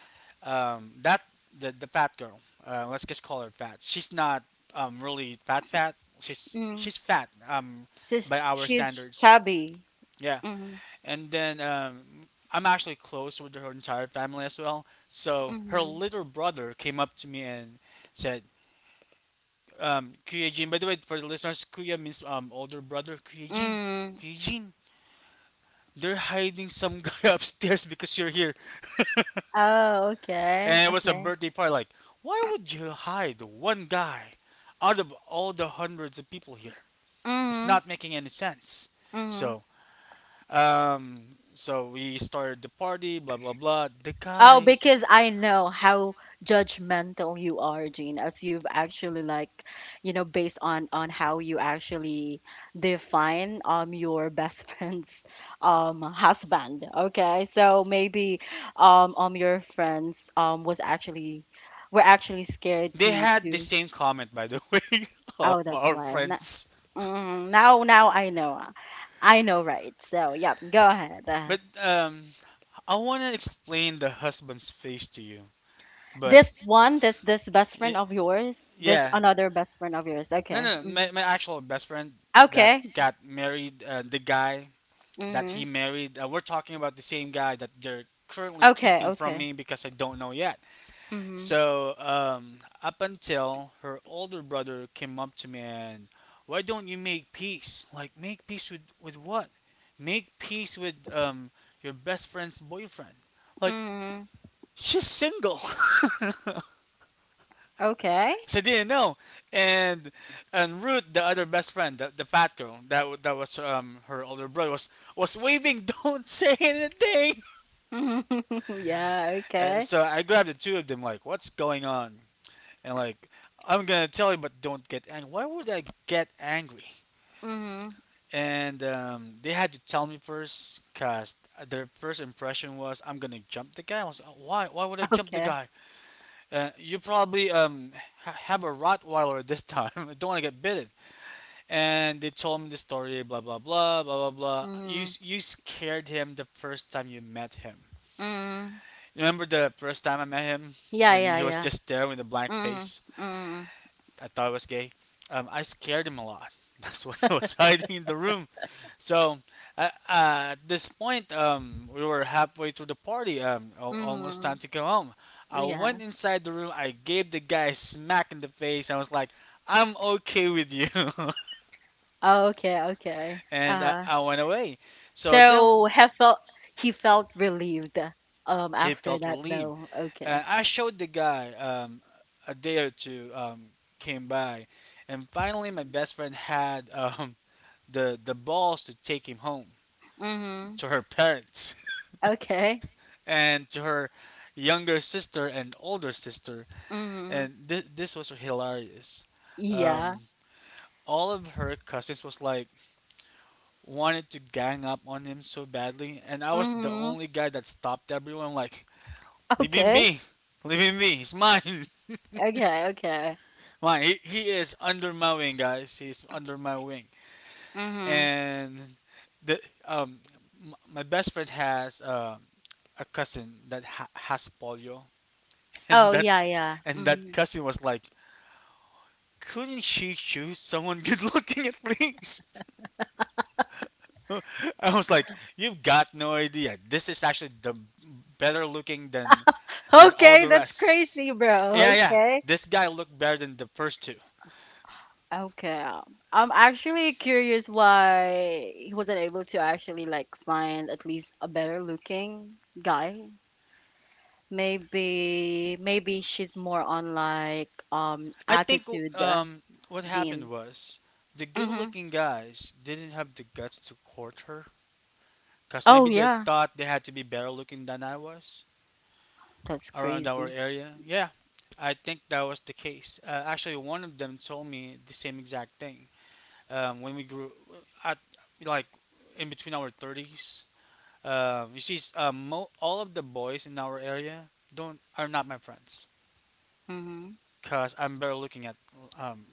Speaker 2: that the fat girl, let's just call her fat. She's not really fat fat. She's
Speaker 1: Mm.
Speaker 2: she's fat
Speaker 1: Just
Speaker 2: by our
Speaker 1: she's
Speaker 2: standards.
Speaker 1: chubby.
Speaker 2: Yeah.
Speaker 1: Mm-hmm.
Speaker 2: And then I'm actually close with her entire family as well. So her
Speaker 1: Mm-hmm.
Speaker 2: little brother came up to me and said, "Kuya Jin." By the way, for the listeners, Kuya means older brother. Kuya Jin,
Speaker 1: Mm.
Speaker 2: Kuya Jin, they're hiding some guy upstairs because you're here,
Speaker 1: Oh, okay,
Speaker 2: and it was a
Speaker 1: okay.
Speaker 2: birthday party. Like, why would you hide one guy out of all the hundreds of people here? It's
Speaker 1: Mm-hmm.
Speaker 2: not making any sense.
Speaker 1: Mm-hmm.
Speaker 2: So, so we started the party, blah blah blah. The
Speaker 1: Oh,
Speaker 2: guy
Speaker 1: because I know how judgmental you are, Jean, as you've actually like, you know, based on how you actually define your best friend's husband. Okay, so maybe your friends was actually were actually scared
Speaker 2: they
Speaker 1: to
Speaker 2: had the
Speaker 1: to.
Speaker 2: same comment, by the way, of
Speaker 1: Oh, that's
Speaker 2: our
Speaker 1: why. Now,
Speaker 2: friends.
Speaker 1: mm, now now I know. Uh, I know, right? So yeah, go ahead.
Speaker 2: But I want to explain the husband's face to you. But
Speaker 1: This one, this best friend
Speaker 2: y-
Speaker 1: of yours, this
Speaker 2: yeah,
Speaker 1: another best friend of yours.
Speaker 2: no,
Speaker 1: Okay.
Speaker 2: no,
Speaker 1: Hmm.
Speaker 2: my actual best friend that
Speaker 1: Okay.
Speaker 2: that married the guy that he
Speaker 1: Hmm.
Speaker 2: married. We're talking about the same guy that they're currently
Speaker 1: Okay.
Speaker 2: keeping from
Speaker 1: Okay.
Speaker 2: me because I don't know yet.
Speaker 1: Hmm.
Speaker 2: So, up until her older brother came up to me and, why don't you make peace? Like, make peace with what? Make peace with your best friend's boyfriend. Like,
Speaker 1: Hmm.
Speaker 2: she's single.
Speaker 1: Okay.
Speaker 2: I didn't know. And and Ruth, the other best friend, the fat girl, that that was her older brother, was waving, don't say anything.
Speaker 1: Mhm. Yeah. Okay.
Speaker 2: So I grabbed the two of them, like, what's going on? And like I'm gonna tell you, but don't get angry. Why would I get angry?
Speaker 1: Hmm.
Speaker 2: And they had to tell me first, cause their first impression was I'm gonna jump the guy. I was like, why? Why would I jump the
Speaker 1: Okay.
Speaker 2: guy? You probably have a Rottweiler this time. I don't want to get bitten. And they told me the story, blah blah blah blah blah blah. You
Speaker 1: Hmm.
Speaker 2: you scared him the first time you met him.
Speaker 1: Hmm.
Speaker 2: Remember the first time I met him,
Speaker 1: Yeah.
Speaker 2: and
Speaker 1: Yeah.
Speaker 2: he was
Speaker 1: Yeah.
Speaker 2: just there with a blank
Speaker 1: Hmm.
Speaker 2: face.
Speaker 1: Hmm.
Speaker 2: I thought I was gay. I scared him a lot. That's why I was hiding in the room. So at this point, we were halfway through the party, almost time
Speaker 1: Hmm.
Speaker 2: to go home. I
Speaker 1: Yeah.
Speaker 2: went inside the room. I gave the guy a smack in the face. I was like, "I'm okay with you,"
Speaker 1: Okay. Okay.
Speaker 2: and I went away. So then
Speaker 1: So have felt he felt relieved.
Speaker 2: he
Speaker 1: After
Speaker 2: felt
Speaker 1: that,
Speaker 2: relieved.
Speaker 1: though. Okay.
Speaker 2: And I showed the guy a day or two came by, and finally my best friend had the balls to take him home
Speaker 1: Hmm.
Speaker 2: to her parents
Speaker 1: Okay.
Speaker 2: and to her younger sister and older sister
Speaker 1: Hmm.
Speaker 2: and this was hilarious, um,
Speaker 1: Yeah.
Speaker 2: all of her cousins was like wanted to gang up on him so badly, and I was the
Speaker 1: Mhm.
Speaker 2: only guy that stopped everyone like leave him
Speaker 1: Okay.
Speaker 2: be, leave him be, he's mine.
Speaker 1: Okay. Okay.
Speaker 2: Mine, he is under my wing guys, he's under my wing.
Speaker 1: Mhm.
Speaker 2: And the um my best friend has a cousin that has polio. and
Speaker 1: Oh
Speaker 2: that
Speaker 1: yeah, yeah.
Speaker 2: and that
Speaker 1: Mhm.
Speaker 2: cousin was like, couldn't she choose someone good looking at least? I was like, you've got no idea, this is actually the better looking than all
Speaker 1: Okay,
Speaker 2: the
Speaker 1: that's
Speaker 2: rest.
Speaker 1: crazy,
Speaker 2: Yeah,
Speaker 1: bro.
Speaker 2: yeah,
Speaker 1: Okay.
Speaker 2: this guy looked better than the first two.
Speaker 1: Okay. Um, I'm actually curious why he wasn't able to actually like find at least a better looking guy. Maybe maybe she's more on like
Speaker 2: I think
Speaker 1: attitude,
Speaker 2: um what happened
Speaker 1: gene.
Speaker 2: was the good
Speaker 1: Mhm.
Speaker 2: looking guys didn't have the guts to court her. Because
Speaker 1: Oh
Speaker 2: maybe they
Speaker 1: yeah.
Speaker 2: thought they had to be better looking than I was
Speaker 1: That's
Speaker 2: around our
Speaker 1: crazy.
Speaker 2: area. Yeah, I think that was the case. Actually, one of them told me the same exact thing. When we grew at like in between our 30s, you see, all of the boys in our area don't are not my friends
Speaker 1: Mhm.
Speaker 2: because I'm better looking at. Um,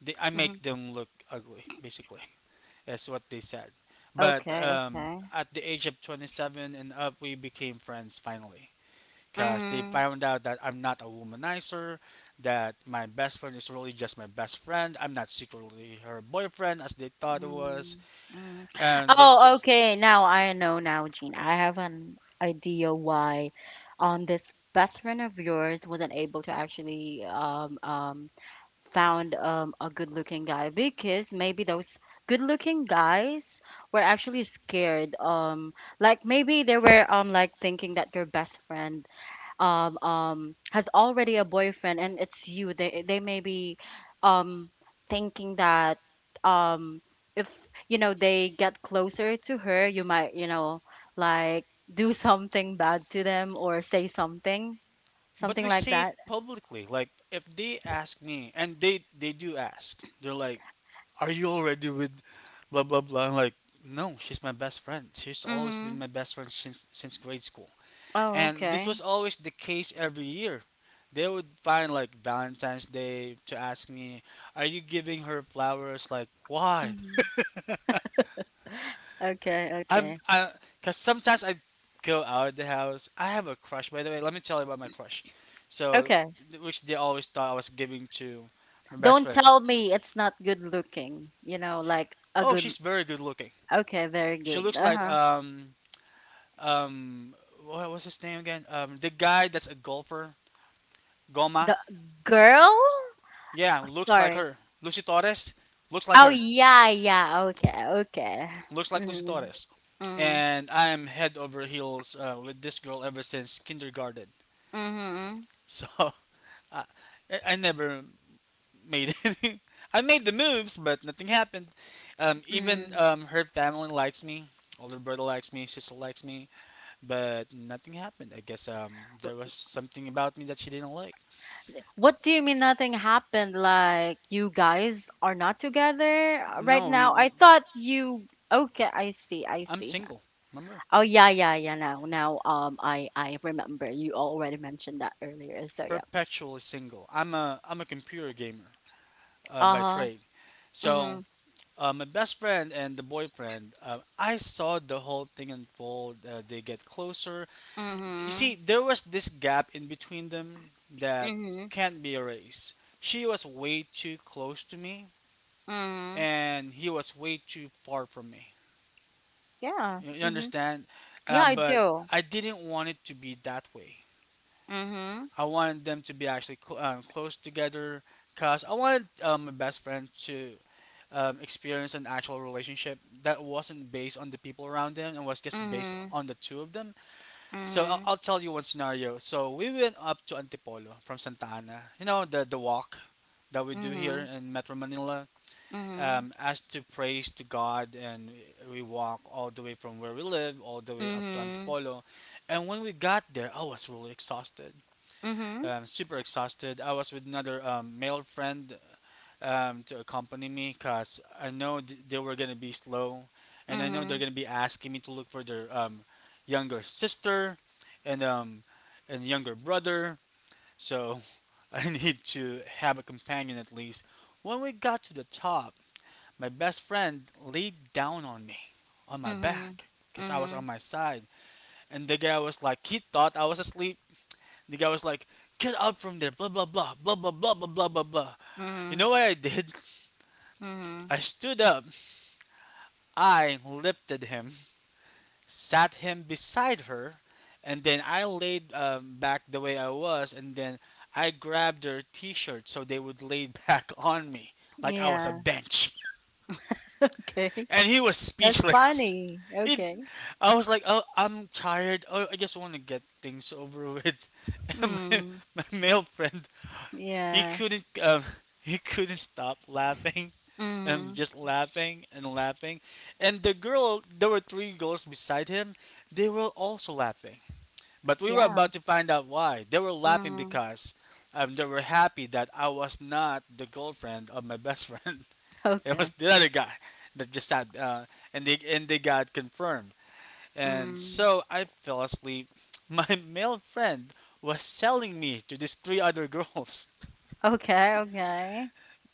Speaker 2: I make
Speaker 1: Mhm.
Speaker 2: them look ugly, basically. That's what they said. But
Speaker 1: Okay. Okay.
Speaker 2: at the age of 27 and up, we became friends finally. Because they
Speaker 1: Mhm.
Speaker 2: found out that I'm not a womanizer, that my best friend is really just my best friend. I'm not secretly her boyfriend as they thought it was,
Speaker 1: Mm, mm.
Speaker 2: and they. t-
Speaker 1: Oh, okay. Now I know now, Jean. I have an idea why this best friend of yours wasn't able to actually found a good looking guy, because maybe those good looking guys were actually scared. Like maybe they were like thinking that your best friend has already a boyfriend, and it's you. They may be um thinking that um if, you know, they get closer to her, you might, you know, like do something bad to them or say something,
Speaker 2: but
Speaker 1: something
Speaker 2: we
Speaker 1: like
Speaker 2: see it
Speaker 1: that.
Speaker 2: publicly. Like if they ask me, and they do ask, they're like, "Are you already with, blah blah blah?" I'm like, "No, she's my best friend. She's always been
Speaker 1: Mhm.
Speaker 2: my best friend since grade school."
Speaker 1: Oh,
Speaker 2: And this
Speaker 1: okay.
Speaker 2: was always the case every year. They would find like Valentine's Day to ask me, "Are you giving her flowers?" Like, why?
Speaker 1: Mhm. Okay,
Speaker 2: I'm,
Speaker 1: okay,
Speaker 2: I, cause sometimes I go out of the house. I have a crush, by the way. Let me tell you about my crush. So,
Speaker 1: okay.
Speaker 2: which they always thought I was giving to my best
Speaker 1: Don't
Speaker 2: friend.
Speaker 1: tell me it's not good looking, you know, like a
Speaker 2: Oh,
Speaker 1: good.
Speaker 2: she's very good looking.
Speaker 1: Okay, very
Speaker 2: She
Speaker 1: good.
Speaker 2: looks like
Speaker 1: Uh-huh.
Speaker 2: um what was his name again? The guy that's a golfer, Goma.
Speaker 1: The girl,
Speaker 2: Yeah, looks like
Speaker 1: sorry.
Speaker 2: her. Lucy Torres looks like
Speaker 1: Oh,
Speaker 2: her.
Speaker 1: yeah, yeah. Okay, okay.
Speaker 2: Looks like Lucy
Speaker 1: Mm-hmm.
Speaker 2: Torres.
Speaker 1: Mm,
Speaker 2: And I am head over heels with this girl ever since kindergarten.
Speaker 1: hmm, mm,
Speaker 2: So I, I never made any. I made the moves, but nothing happened.
Speaker 1: hmm.
Speaker 2: Even
Speaker 1: Mm.
Speaker 2: her family likes me. Older brother likes me. Sister likes me. But nothing happened. I guess there was something about me that she didn't like.
Speaker 1: What do you mean nothing happened? Like you guys are not together, right
Speaker 2: No,
Speaker 1: now?
Speaker 2: we.
Speaker 1: I thought you. Okay, I see, I
Speaker 2: I'm
Speaker 1: see.
Speaker 2: single. Remember,
Speaker 1: Oh yeah, yeah, yeah. Now, now, I remember you already mentioned that earlier. So yeah.
Speaker 2: perpetually single. I'm a computer gamer by
Speaker 1: Uh-huh.
Speaker 2: trade.
Speaker 1: Hmm.
Speaker 2: So my best friend and the boyfriend, I saw the whole thing unfold. They get closer. You
Speaker 1: Hmm.
Speaker 2: see, there was this gap in between them that
Speaker 1: Hmm.
Speaker 2: can't be erased. She was way too close to me,
Speaker 1: Hmm.
Speaker 2: and he was way too far from me.
Speaker 1: Yeah.
Speaker 2: You
Speaker 1: Hmm.
Speaker 2: understand?
Speaker 1: Yeah, I
Speaker 2: But
Speaker 1: do.
Speaker 2: I didn't want it to be that way.
Speaker 1: Hmm.
Speaker 2: I wanted them to be actually close together because I wanted my best friend to experience an actual relationship that wasn't based on the people around them and was just based
Speaker 1: Hmm.
Speaker 2: on the two of them. So
Speaker 1: Hmm.
Speaker 2: I'll tell you one scenario. So we went up to Antipolo from Santa Ana. You know, the walk that we do here
Speaker 1: Hmm.
Speaker 2: in Metro Manila.
Speaker 1: Hmm.
Speaker 2: As to praise to God, and we walk all the way from where we live, all the way up to
Speaker 1: Mhm.
Speaker 2: Antipolo. And when we got there, I was really exhausted,
Speaker 1: Mhm.
Speaker 2: super exhausted. I was with another male friend to accompany me because I know they were going to be slow. And I know they're
Speaker 1: Mhm.
Speaker 2: going to be asking me to look for their younger sister and, um, and younger brother. So I need to have a companion at least. When we got to the top, my best friend laid down on me, on my
Speaker 1: Mhm.
Speaker 2: back, because I was on
Speaker 1: Mhm.
Speaker 2: my side. And the guy was like, he thought I was asleep. The guy was like, "Get out from there!" Blah blah blah blah blah blah blah blah blah blah. You
Speaker 1: Mhm.
Speaker 2: know what I did?
Speaker 1: Mhm.
Speaker 2: I stood up. I lifted him, sat him beside her, and then I laid back the way I was, and then I grabbed their T-shirt so they would lay back on me like I was a
Speaker 1: Yeah.
Speaker 2: bench.
Speaker 1: Okay.
Speaker 2: And he was
Speaker 1: That's
Speaker 2: speechless.
Speaker 1: funny.
Speaker 2: He,
Speaker 1: Okay.
Speaker 2: I was like, "Oh, I'm tired. Oh, I just want to get things over with." And
Speaker 1: Mm.
Speaker 2: my male friend he
Speaker 1: Yeah.
Speaker 2: couldn't he couldn't stop laughing, and
Speaker 1: Mhm.
Speaker 2: just laughing and laughing. And the girl, there were three girls beside him, they were also laughing, but we were
Speaker 1: Yeah.
Speaker 2: about to find out why they were laughing
Speaker 1: Mhm.
Speaker 2: because they were happy that I was not the girlfriend of my best friend. It was
Speaker 1: Okay.
Speaker 2: the other guy that just sat and they got confirmed. And
Speaker 1: Mm.
Speaker 2: so I fell asleep. My male friend was selling me to these three other girls
Speaker 1: Okay. Okay.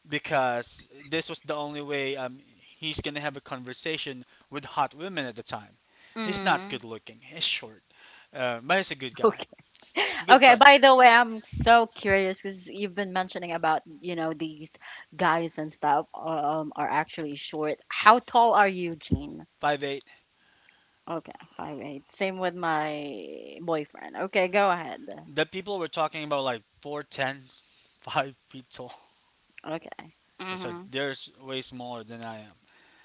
Speaker 2: because this was the only way he's gonna have a conversation with hot women at the time. He's not
Speaker 1: Mm.
Speaker 2: good looking. He's short, but he's a good guy.
Speaker 1: Okay.
Speaker 2: Good
Speaker 1: Okay.
Speaker 2: friend.
Speaker 1: By the way, I'm so curious, because you've been mentioning about, you know, these guys and stuff, um, are actually short. How tall are you, Jean?
Speaker 2: 5'8".
Speaker 1: Okay, 5'8". Same with my boyfriend. Okay, go ahead.
Speaker 2: The people were talking about like 4'10", 5 feet tall.
Speaker 1: Okay.
Speaker 2: Yeah, so
Speaker 1: Mhm.
Speaker 2: they're way smaller than I am.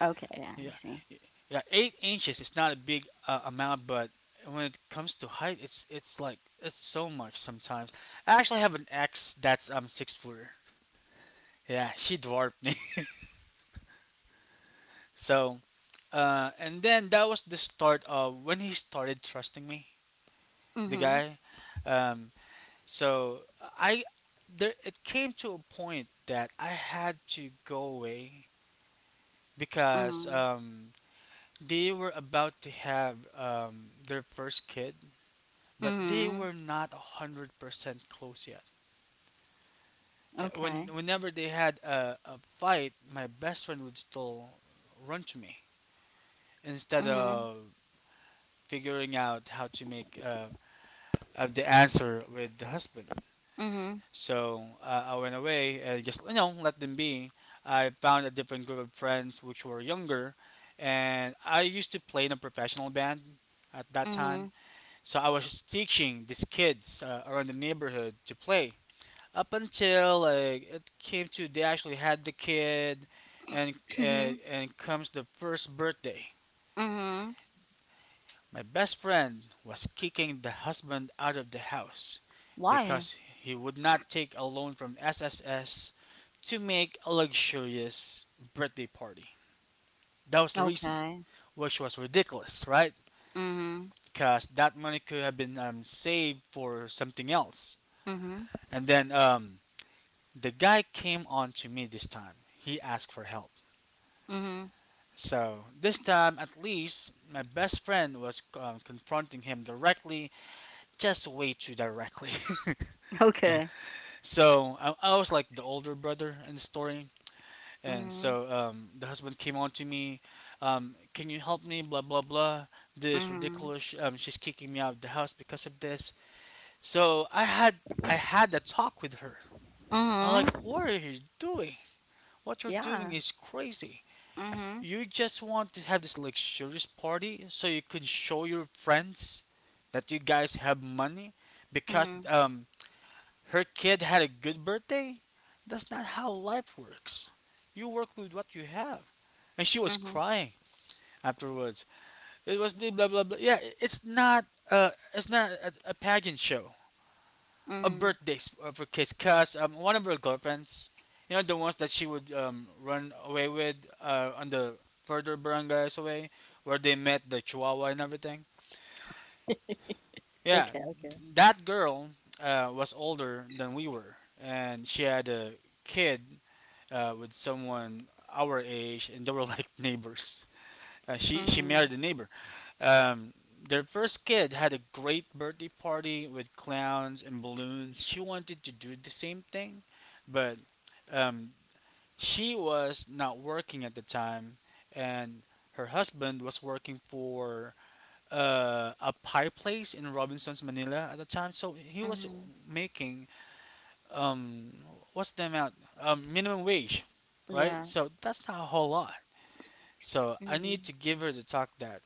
Speaker 1: Okay, yeah, I
Speaker 2: Yeah,
Speaker 1: see.
Speaker 2: yeah. 8 inches is not a big amount, but when it comes to height, it's it's so much sometimes. I actually have an ex that's six footer. Yeah, she dwarfed me. So, and then that was the start of when he started trusting me, the
Speaker 1: Mhm.
Speaker 2: guy. Um, so I there it came to a point that I had to go away because
Speaker 1: Mhm.
Speaker 2: they were about to have their first kid, but they
Speaker 1: Mhm.
Speaker 2: were not 100% close yet. When
Speaker 1: Okay.
Speaker 2: whenever they had a fight, my best friend would still run to me instead
Speaker 1: Mhm.
Speaker 2: of figuring out how to make of the answer with the husband.
Speaker 1: Mhm.
Speaker 2: So I went away and just you know let them be. I found a different group of friends which were younger, and I used to play in a professional band at that time.
Speaker 1: Mhm.
Speaker 2: So I was just teaching these kids around the neighborhood to play. Up until like it came to they actually had the kid, and uh,
Speaker 1: Mhm.
Speaker 2: and comes the first birthday.
Speaker 1: Mhm.
Speaker 2: My best friend was kicking the husband out of the house
Speaker 1: Why?
Speaker 2: because he would not take a loan from SSS to make a luxurious birthday party. That was the reason,
Speaker 1: Okay.
Speaker 2: which was ridiculous, right?
Speaker 1: Mhm.
Speaker 2: Because that money could have been saved for something else.
Speaker 1: Mhm.
Speaker 2: And then the guy came on to me this time. He asked for help.
Speaker 1: Mhm.
Speaker 2: So this time, at least, my best friend was confronting him directly, just way too directly.
Speaker 1: Okay.
Speaker 2: So I was like the older brother in the story, and
Speaker 1: Mhm.
Speaker 2: so the husband came on to me, "Can you help me? Blah blah blah. This
Speaker 1: Mhm.
Speaker 2: ridiculous. She's kicking me out of the house because of this. So I had a talk with her." I'm like,
Speaker 1: Mhm.
Speaker 2: "What are you doing? What you're doing
Speaker 1: Yeah.
Speaker 2: is crazy.
Speaker 1: Mhm.
Speaker 2: You just want to have this luxurious party so you could show your friends that you guys have money because
Speaker 1: Mhm.
Speaker 2: her kid had a good birthday? That's not how life works. You work with what you have." And she was
Speaker 1: Mhm.
Speaker 2: crying afterwards. It was blah blah blah blah. Yeah, it's not a pageant show. A
Speaker 1: Mhm.
Speaker 2: birthday for kids cuz one of her girlfriends, you know the ones that she would run away with on the further barangays away where they met the chihuahua and everything. Yeah,
Speaker 1: Okay.
Speaker 2: that girl was older than we were, and she had a kid with someone our age, and they were like neighbors. She
Speaker 1: Mhm.
Speaker 2: married a neighbor. Um, their first kid had a great birthday party with clowns and balloons. She wanted to do the same thing, but um, she was not working at the time, and her husband was working for a pie place in Robinson's, Manila at the time. So he was
Speaker 1: Mhm.
Speaker 2: making, um, what's the amount, um, minimum wage, right?
Speaker 1: Yeah.
Speaker 2: So that's not a whole lot. So I need
Speaker 1: Mhm.
Speaker 2: to give her the talk that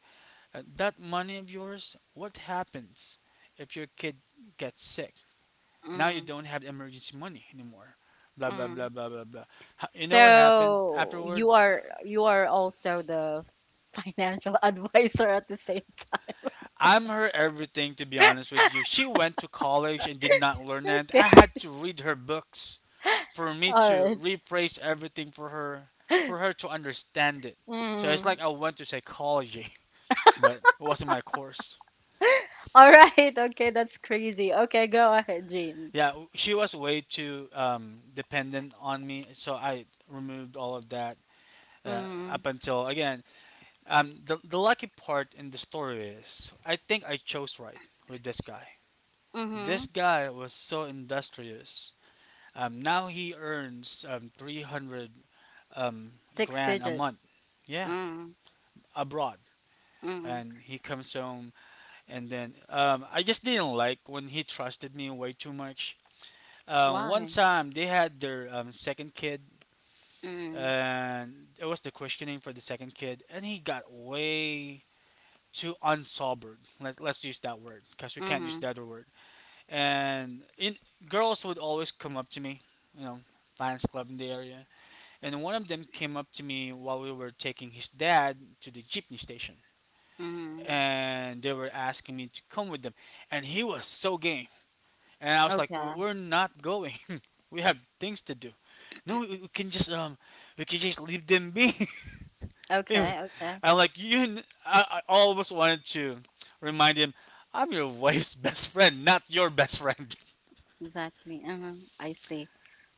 Speaker 2: that money of yours, what happens if your kid gets sick? Now you
Speaker 1: Mhm.
Speaker 2: don't have emergency money anymore, blah blah
Speaker 1: Mhm.
Speaker 2: blah blah blah blah. You know what happened
Speaker 1: So
Speaker 2: afterwards.
Speaker 1: you are also the financial advisor at the same
Speaker 2: I'm her everything, to be honest with you. She went to college and did not learn
Speaker 1: time.
Speaker 2: it. I
Speaker 1: Okay.
Speaker 2: had to read her books for me
Speaker 1: All
Speaker 2: to
Speaker 1: right.
Speaker 2: rephrase everything for her, for her to understand it. So it's
Speaker 1: Mm.
Speaker 2: like I went to psychology, but it wasn't my course.
Speaker 1: All right. Okay, that's crazy. Okay, go ahead, Jean.
Speaker 2: Yeah, she was way too dependent on me, so I removed all of that
Speaker 1: Mm.
Speaker 2: up until again. The lucky part in the story is I think I chose right with this guy. This
Speaker 1: Mhm.
Speaker 2: guy was so industrious. Now he earns, 300, um,
Speaker 1: Six
Speaker 2: grand a
Speaker 1: digit.
Speaker 2: month. Yeah,
Speaker 1: Mm.
Speaker 2: abroad.
Speaker 1: Mm.
Speaker 2: And he comes home, and then I just didn't like when he trusted me way too much. Um, one
Speaker 1: Why?
Speaker 2: time they had their, second kid,
Speaker 1: Mm.
Speaker 2: and it was the questioning for the second kid, and he got way too unsobered. Let's use that word because we can't use
Speaker 1: Mhm.
Speaker 2: the other word. And in, girls would always come up to me, you know, fans club in the area. And one of them came up to me while we were taking his dad to the jeepney station,
Speaker 1: Mhm.
Speaker 2: and they were asking me to come with them, and he was so game. And I was like,
Speaker 1: Okay.
Speaker 2: We're not going, we have things to do. No, we can just we can just leave them be." Yeah,
Speaker 1: Okay. Okay.
Speaker 2: I like I almost wanted to remind him, I'm your wife's best friend, not your best friend.
Speaker 1: Exactly. Uh-huh. I see.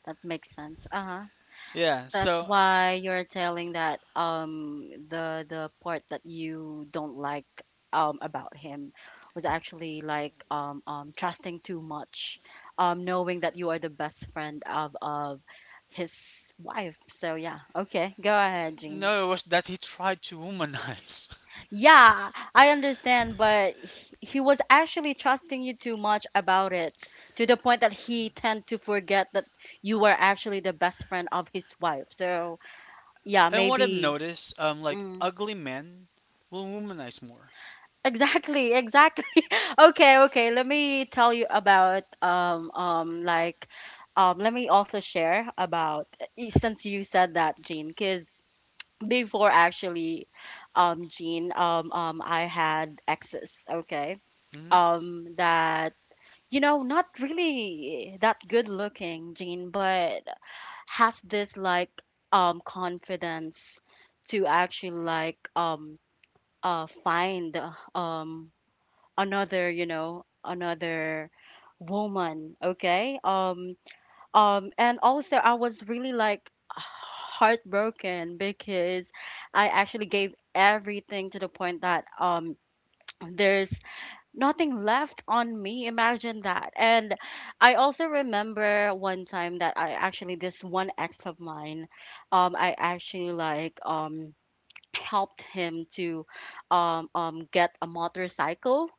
Speaker 1: That makes sense. Uh-huh.
Speaker 2: Yeah,
Speaker 1: That's
Speaker 2: so
Speaker 1: why you're telling that the part that you don't like about him was actually like trusting too much, knowing that you are the best friend of his wife. So yeah, okay, go ahead, Jean.
Speaker 2: no, it was that he tried to womanize.
Speaker 1: Yeah, I understand, but he was actually trusting you too much about it to the point that he tend to forget that you were actually the best friend of his wife. So yeah,
Speaker 2: And what I've
Speaker 1: maybe.
Speaker 2: noticed, like
Speaker 1: Mm.
Speaker 2: ugly men will womanize more.
Speaker 1: Exactly, exactly. Okay, okay. Let me tell you about like let me also share about since you said that, Jean, because before actually Jean, I had exes, okay?
Speaker 2: Hmm.
Speaker 1: That, you know, not really that good looking, Jean, but has this like confidence to actually like find um another, another woman, okay, and also I was really like heartbroken because I actually gave everything to the point that there's nothing left on me, imagine that. And I also remember one time that I actually this one ex of mine, I actually like helped him to get a motorcycle,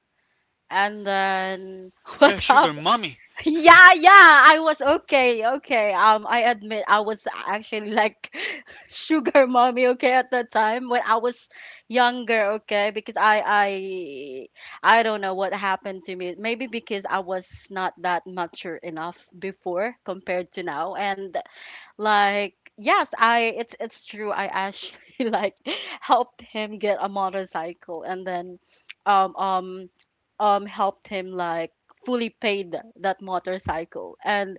Speaker 1: and then
Speaker 2: Yeah,
Speaker 1: what
Speaker 2: sugar
Speaker 1: happened?
Speaker 2: mommy.
Speaker 1: Yeah, yeah, I was okay, okay. I admit I was actually like sugar mommy, okay, at that time when I was younger, okay, because I don't know what happened to me. Maybe because I was not that mature enough before compared to now, and like, yes, I it's true. I actually like helped him get a motorcycle, and then um um helped him like fully paid that motorcycle. And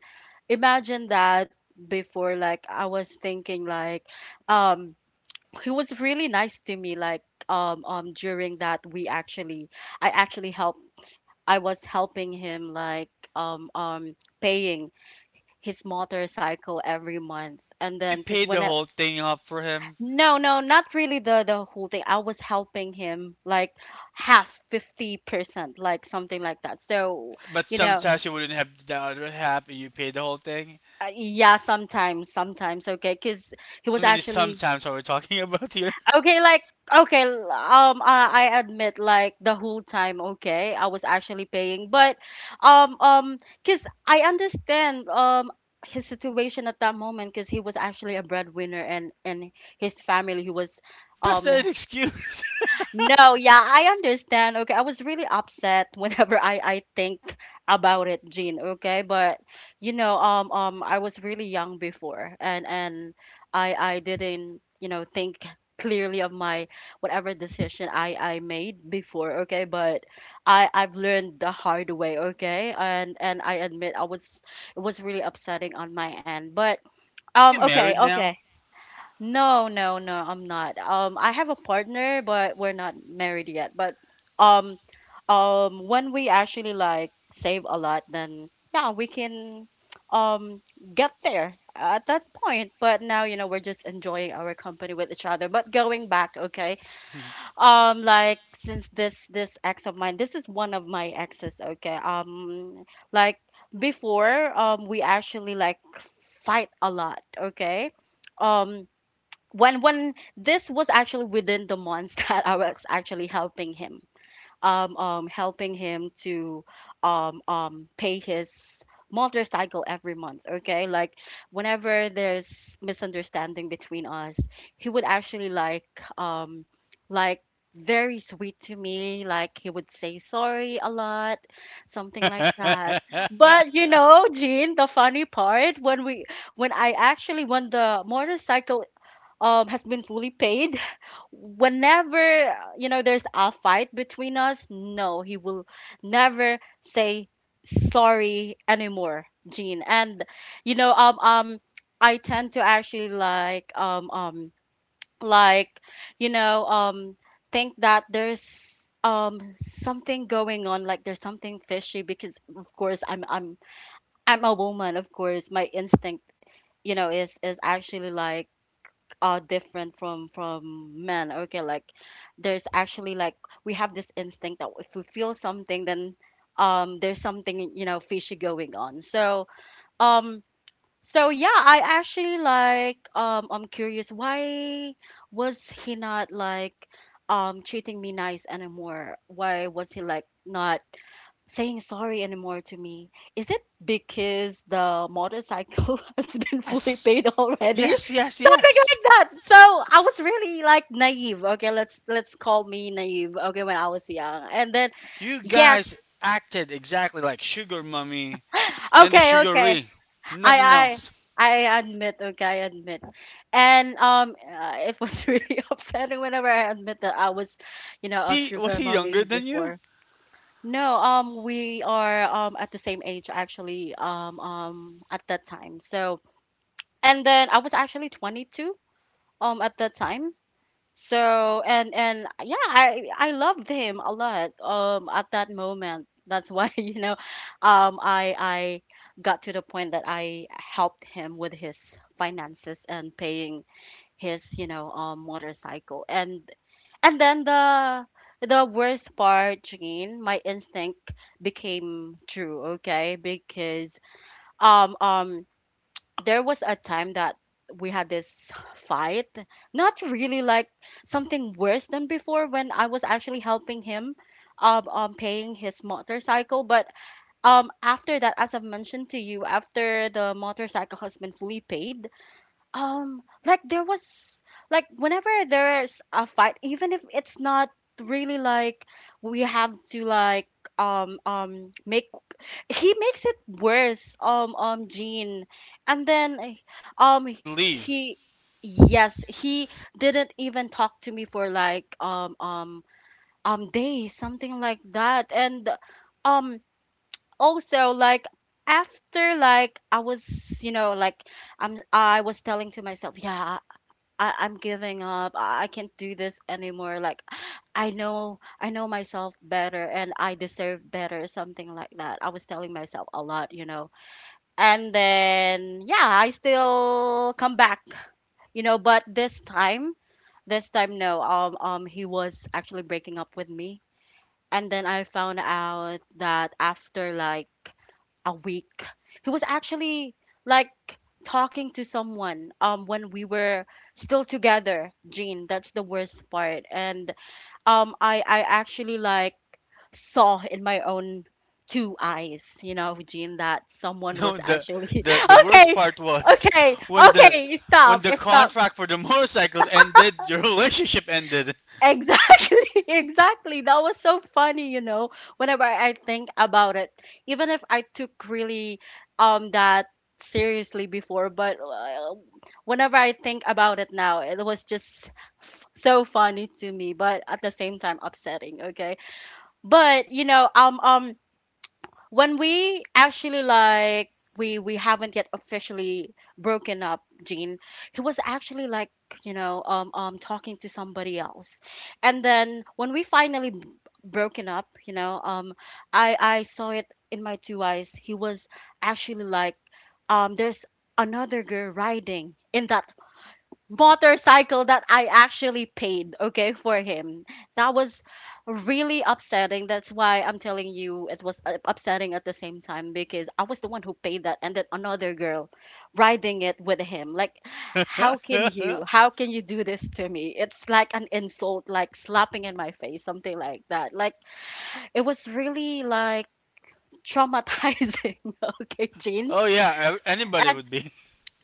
Speaker 1: imagine that before, like, I was thinking like um he was really nice to me, like during that we actually I actually helped I was helping him, like paying his motorcycle every month. And
Speaker 2: Did you
Speaker 1: then because
Speaker 2: pay
Speaker 1: when
Speaker 2: the
Speaker 1: I—
Speaker 2: whole thing up for him?
Speaker 1: No, no, not really the whole thing. I was helping him like half, 50%, like something like that. So
Speaker 2: But
Speaker 1: you know
Speaker 2: sometimes you wouldn't have the other half and you pay the whole thing.
Speaker 1: yeah, sometimes, okay, because he
Speaker 2: How
Speaker 1: was
Speaker 2: many
Speaker 1: actually—
Speaker 2: sometimes are we talking about here?
Speaker 1: Okay, like, okay, I admit like the whole time, okay, I was actually paying, but um um cuz I understand his situation at that moment, cuz he was actually a breadwinner, and his family. He was.
Speaker 2: That's
Speaker 1: um
Speaker 2: not an excuse.
Speaker 1: no, yeah, I understand. Okay, I was really upset whenever I think about it, Jean. Okay, but you know, I was really young before, and I didn't, think clearly of my whatever decision I made before. Okay, but I've learned the hard way. Okay, and I admit I was it was really upsetting on my end, but
Speaker 2: Are you
Speaker 1: okay,
Speaker 2: married now?
Speaker 1: okay. No, no, no, I'm not. I have a partner, but we're not married yet. But um, when we actually like save a lot, then yeah, we can um get there at that point. But now, we're just enjoying our company with each other. But going back, okay, like, since this ex of mine, this is one of my exes, okay, like before, we actually like fight a lot, okay, um when this was actually within the months that I was actually helping him, helping him to pay his motorcycle every month, okay, like whenever there's misunderstanding between us, he would actually um like very sweet to me, like he would say sorry a lot, something like that. But Jean, the funny part, when we when I actually when the motorcycle has been fully paid, whenever, there's a fight between us, no, he will never say sorry anymore, Gene. And you know um um I tend to actually like, you know um think that there's something going on, like there's something fishy. Because of course, I'm a woman. Of course, my instinct, is actually like different from men. Okay, like, there's actually like we have this instinct that if we feel something, then there's something, fishy, going on. So um so yeah, I actually like, I'm curious why was he not like treating me nice anymore, why was he like not saying sorry anymore to me. Is it because the motorcycle has been fully
Speaker 2: Yes.
Speaker 1: paid already?
Speaker 2: Yes, yes,
Speaker 1: Something
Speaker 2: yes.
Speaker 1: like that. So I was really like naive. Okay, let's call me naive. Okay, when I was young, and then
Speaker 2: You
Speaker 1: yes.
Speaker 2: guys acted exactly like Sugar Mummy and the
Speaker 1: Okay,
Speaker 2: Sugar
Speaker 1: okay,
Speaker 2: Ring.
Speaker 1: I
Speaker 2: Nothing
Speaker 1: I.
Speaker 2: else.
Speaker 1: I admit, okay, I admit, and it was really upsetting whenever I admit that I was, a
Speaker 2: Was
Speaker 1: sugar
Speaker 2: he younger
Speaker 1: mommy
Speaker 2: than you?
Speaker 1: before. No, we are at the same age actually at that time. So and then I was actually 22 at that time. So and yeah, I loved him a lot at that moment. That's why I got to the point that I helped him with his finances and paying his motorcycle, and then the worst part, Jean, my instinct became true. Okay, because um um there was a time that we had this fight, not really like something worse than before when I was actually helping him, paying his motorcycle. But after that, as I've mentioned to you, after the motorcycle has been fully paid, like there was— like, whenever there's a fight, even if it's not really like, we have to like make he makes it worse, Jean. And then eh, um
Speaker 2: He would leave.
Speaker 1: he yes, he didn't even talk to me for like days, something like that. And um also, like, after, like, I was telling to myself, yeah, I'm giving up. I can't do this anymore. Like, I know myself better and I deserve better, something like that. I was telling myself a lot, you know. And then yeah, I still come back, but this time, no, he was actually breaking up with me. And then I found out that after like a week. He was actually like talking to someone when we were still together, Jean. That's the worst part. And I actually like saw in my own two eyes, you know, Jean, that someone
Speaker 2: No,
Speaker 1: was actually
Speaker 2: the worst
Speaker 1: okay.
Speaker 2: part was
Speaker 1: Okay,
Speaker 2: when the
Speaker 1: okay,
Speaker 2: when
Speaker 1: stop,
Speaker 2: the
Speaker 1: stop.
Speaker 2: contract for the motorcycle ended, your relationship ended.
Speaker 1: Exactly, exactly. That was so funny, whenever I think about it. Even if I took really that seriously before, but whenever I think about it now, it was just so funny to me, but at the same time upsetting, okay? But, when we actually like we haven't yet officially broken up, Gene. He was actually like, talking to somebody else. And then when we finally broken up, I saw it in my two eyes, he was actually like, there's another girl riding in that motorcycle that I actually paid, okay, for him. That was really upsetting. That's why I'm telling you, it was, upsetting at the same time because I was the one who paid that, and then another girl riding it with him. Like, how can you do this to me? It's like an insult, like slapping in my face, something like that. Like, it was really like traumatizing, okay, Jean.
Speaker 2: Oh yeah, anybody
Speaker 1: And
Speaker 2: would be.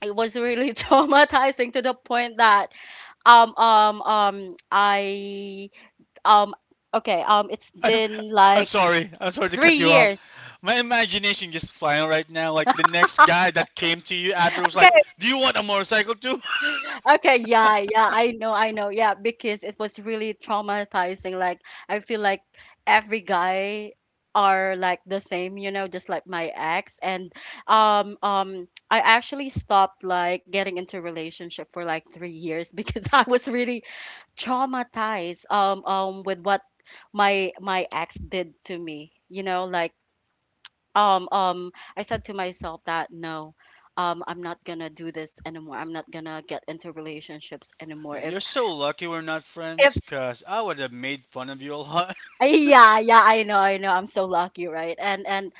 Speaker 1: it was really traumatizing to the point that um, um, um, I, um, okay, it's been
Speaker 2: I'm
Speaker 1: like
Speaker 2: sorry. I'm sorry to
Speaker 1: three
Speaker 2: cut you off.
Speaker 1: years.
Speaker 2: My imagination just flying right now. Like the next guy that came to you after was like,
Speaker 1: Okay,
Speaker 2: "Do you want a motorcycle too?"
Speaker 1: okay, yeah, yeah, I know, yeah, because it was really traumatizing. Like, I feel like every guy are like the same, just like my ex. And, I actually stopped like getting into relationship for like 3 years because I was really traumatized, with what my ex did to me. Like, I said to myself that no, I'm not gonna do this anymore. I'm not gonna get into relationships anymore. If—
Speaker 2: You're so lucky we're not
Speaker 1: if
Speaker 2: friends, cause I would have made fun of you a lot.
Speaker 1: yeah, yeah, I know, I know. I'm so lucky, right? And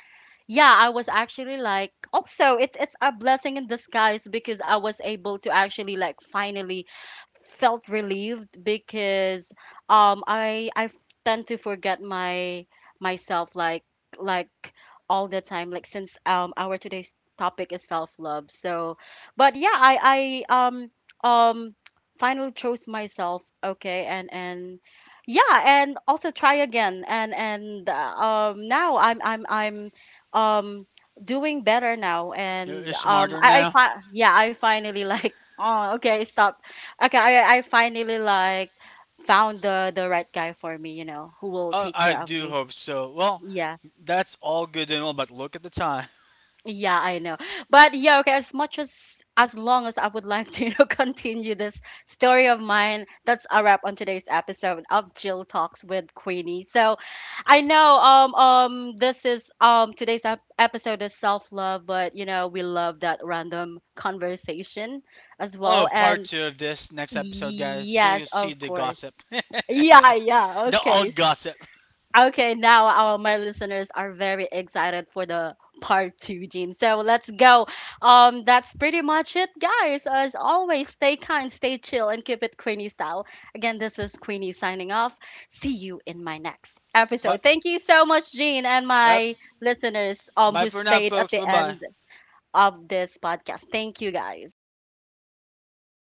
Speaker 1: yeah, I was actually like, also, it's a blessing in disguise because I was able to actually like finally felt relieved because um I I f- tend to forget my myself, like all the time. Like, since our today's topic is self-love. So but yeah, I um finally chose myself, okay? And yeah, and also try again, and now I'm um doing better now. And
Speaker 2: You're smarter now.
Speaker 1: yeah, I finally like oh, okay, stop. Okay, I finally like found the right guy for me, you know, who will take
Speaker 2: I
Speaker 1: care of
Speaker 2: do
Speaker 1: me.
Speaker 2: hope so. Well,
Speaker 1: Yeah.
Speaker 2: that's all good and all, but look at the time.
Speaker 1: Yeah, I know. But yeah, okay, as long as I would like to, you know, continue this story of mine, that's a wrap on today's episode of Jill Talks with Queenie. So I know this is today's episode is self-love, but you know, we love that random conversation as
Speaker 2: We'll
Speaker 1: well.
Speaker 2: have a part
Speaker 1: And
Speaker 2: two of this next episode, guys. So
Speaker 1: yes,
Speaker 2: you'll see
Speaker 1: of
Speaker 2: the
Speaker 1: course.
Speaker 2: gossip,
Speaker 1: Yeah, yeah.
Speaker 2: the
Speaker 1: Okay.
Speaker 2: old gossip.
Speaker 1: Okay, now our my listeners are very excited for the part two, Gene. So let's go. That's pretty much it, guys. As always, stay kind, stay chill, and keep it Queenie style. Again, this is Queenie signing off. See you in my next
Speaker 2: But
Speaker 1: episode. Thank you so much, Gene, and
Speaker 2: uh,
Speaker 1: my listeners
Speaker 2: bye
Speaker 1: who
Speaker 2: for now,
Speaker 1: stayed at
Speaker 2: folks. Bye
Speaker 1: the
Speaker 2: bye.
Speaker 1: end of this podcast. Thank you, guys.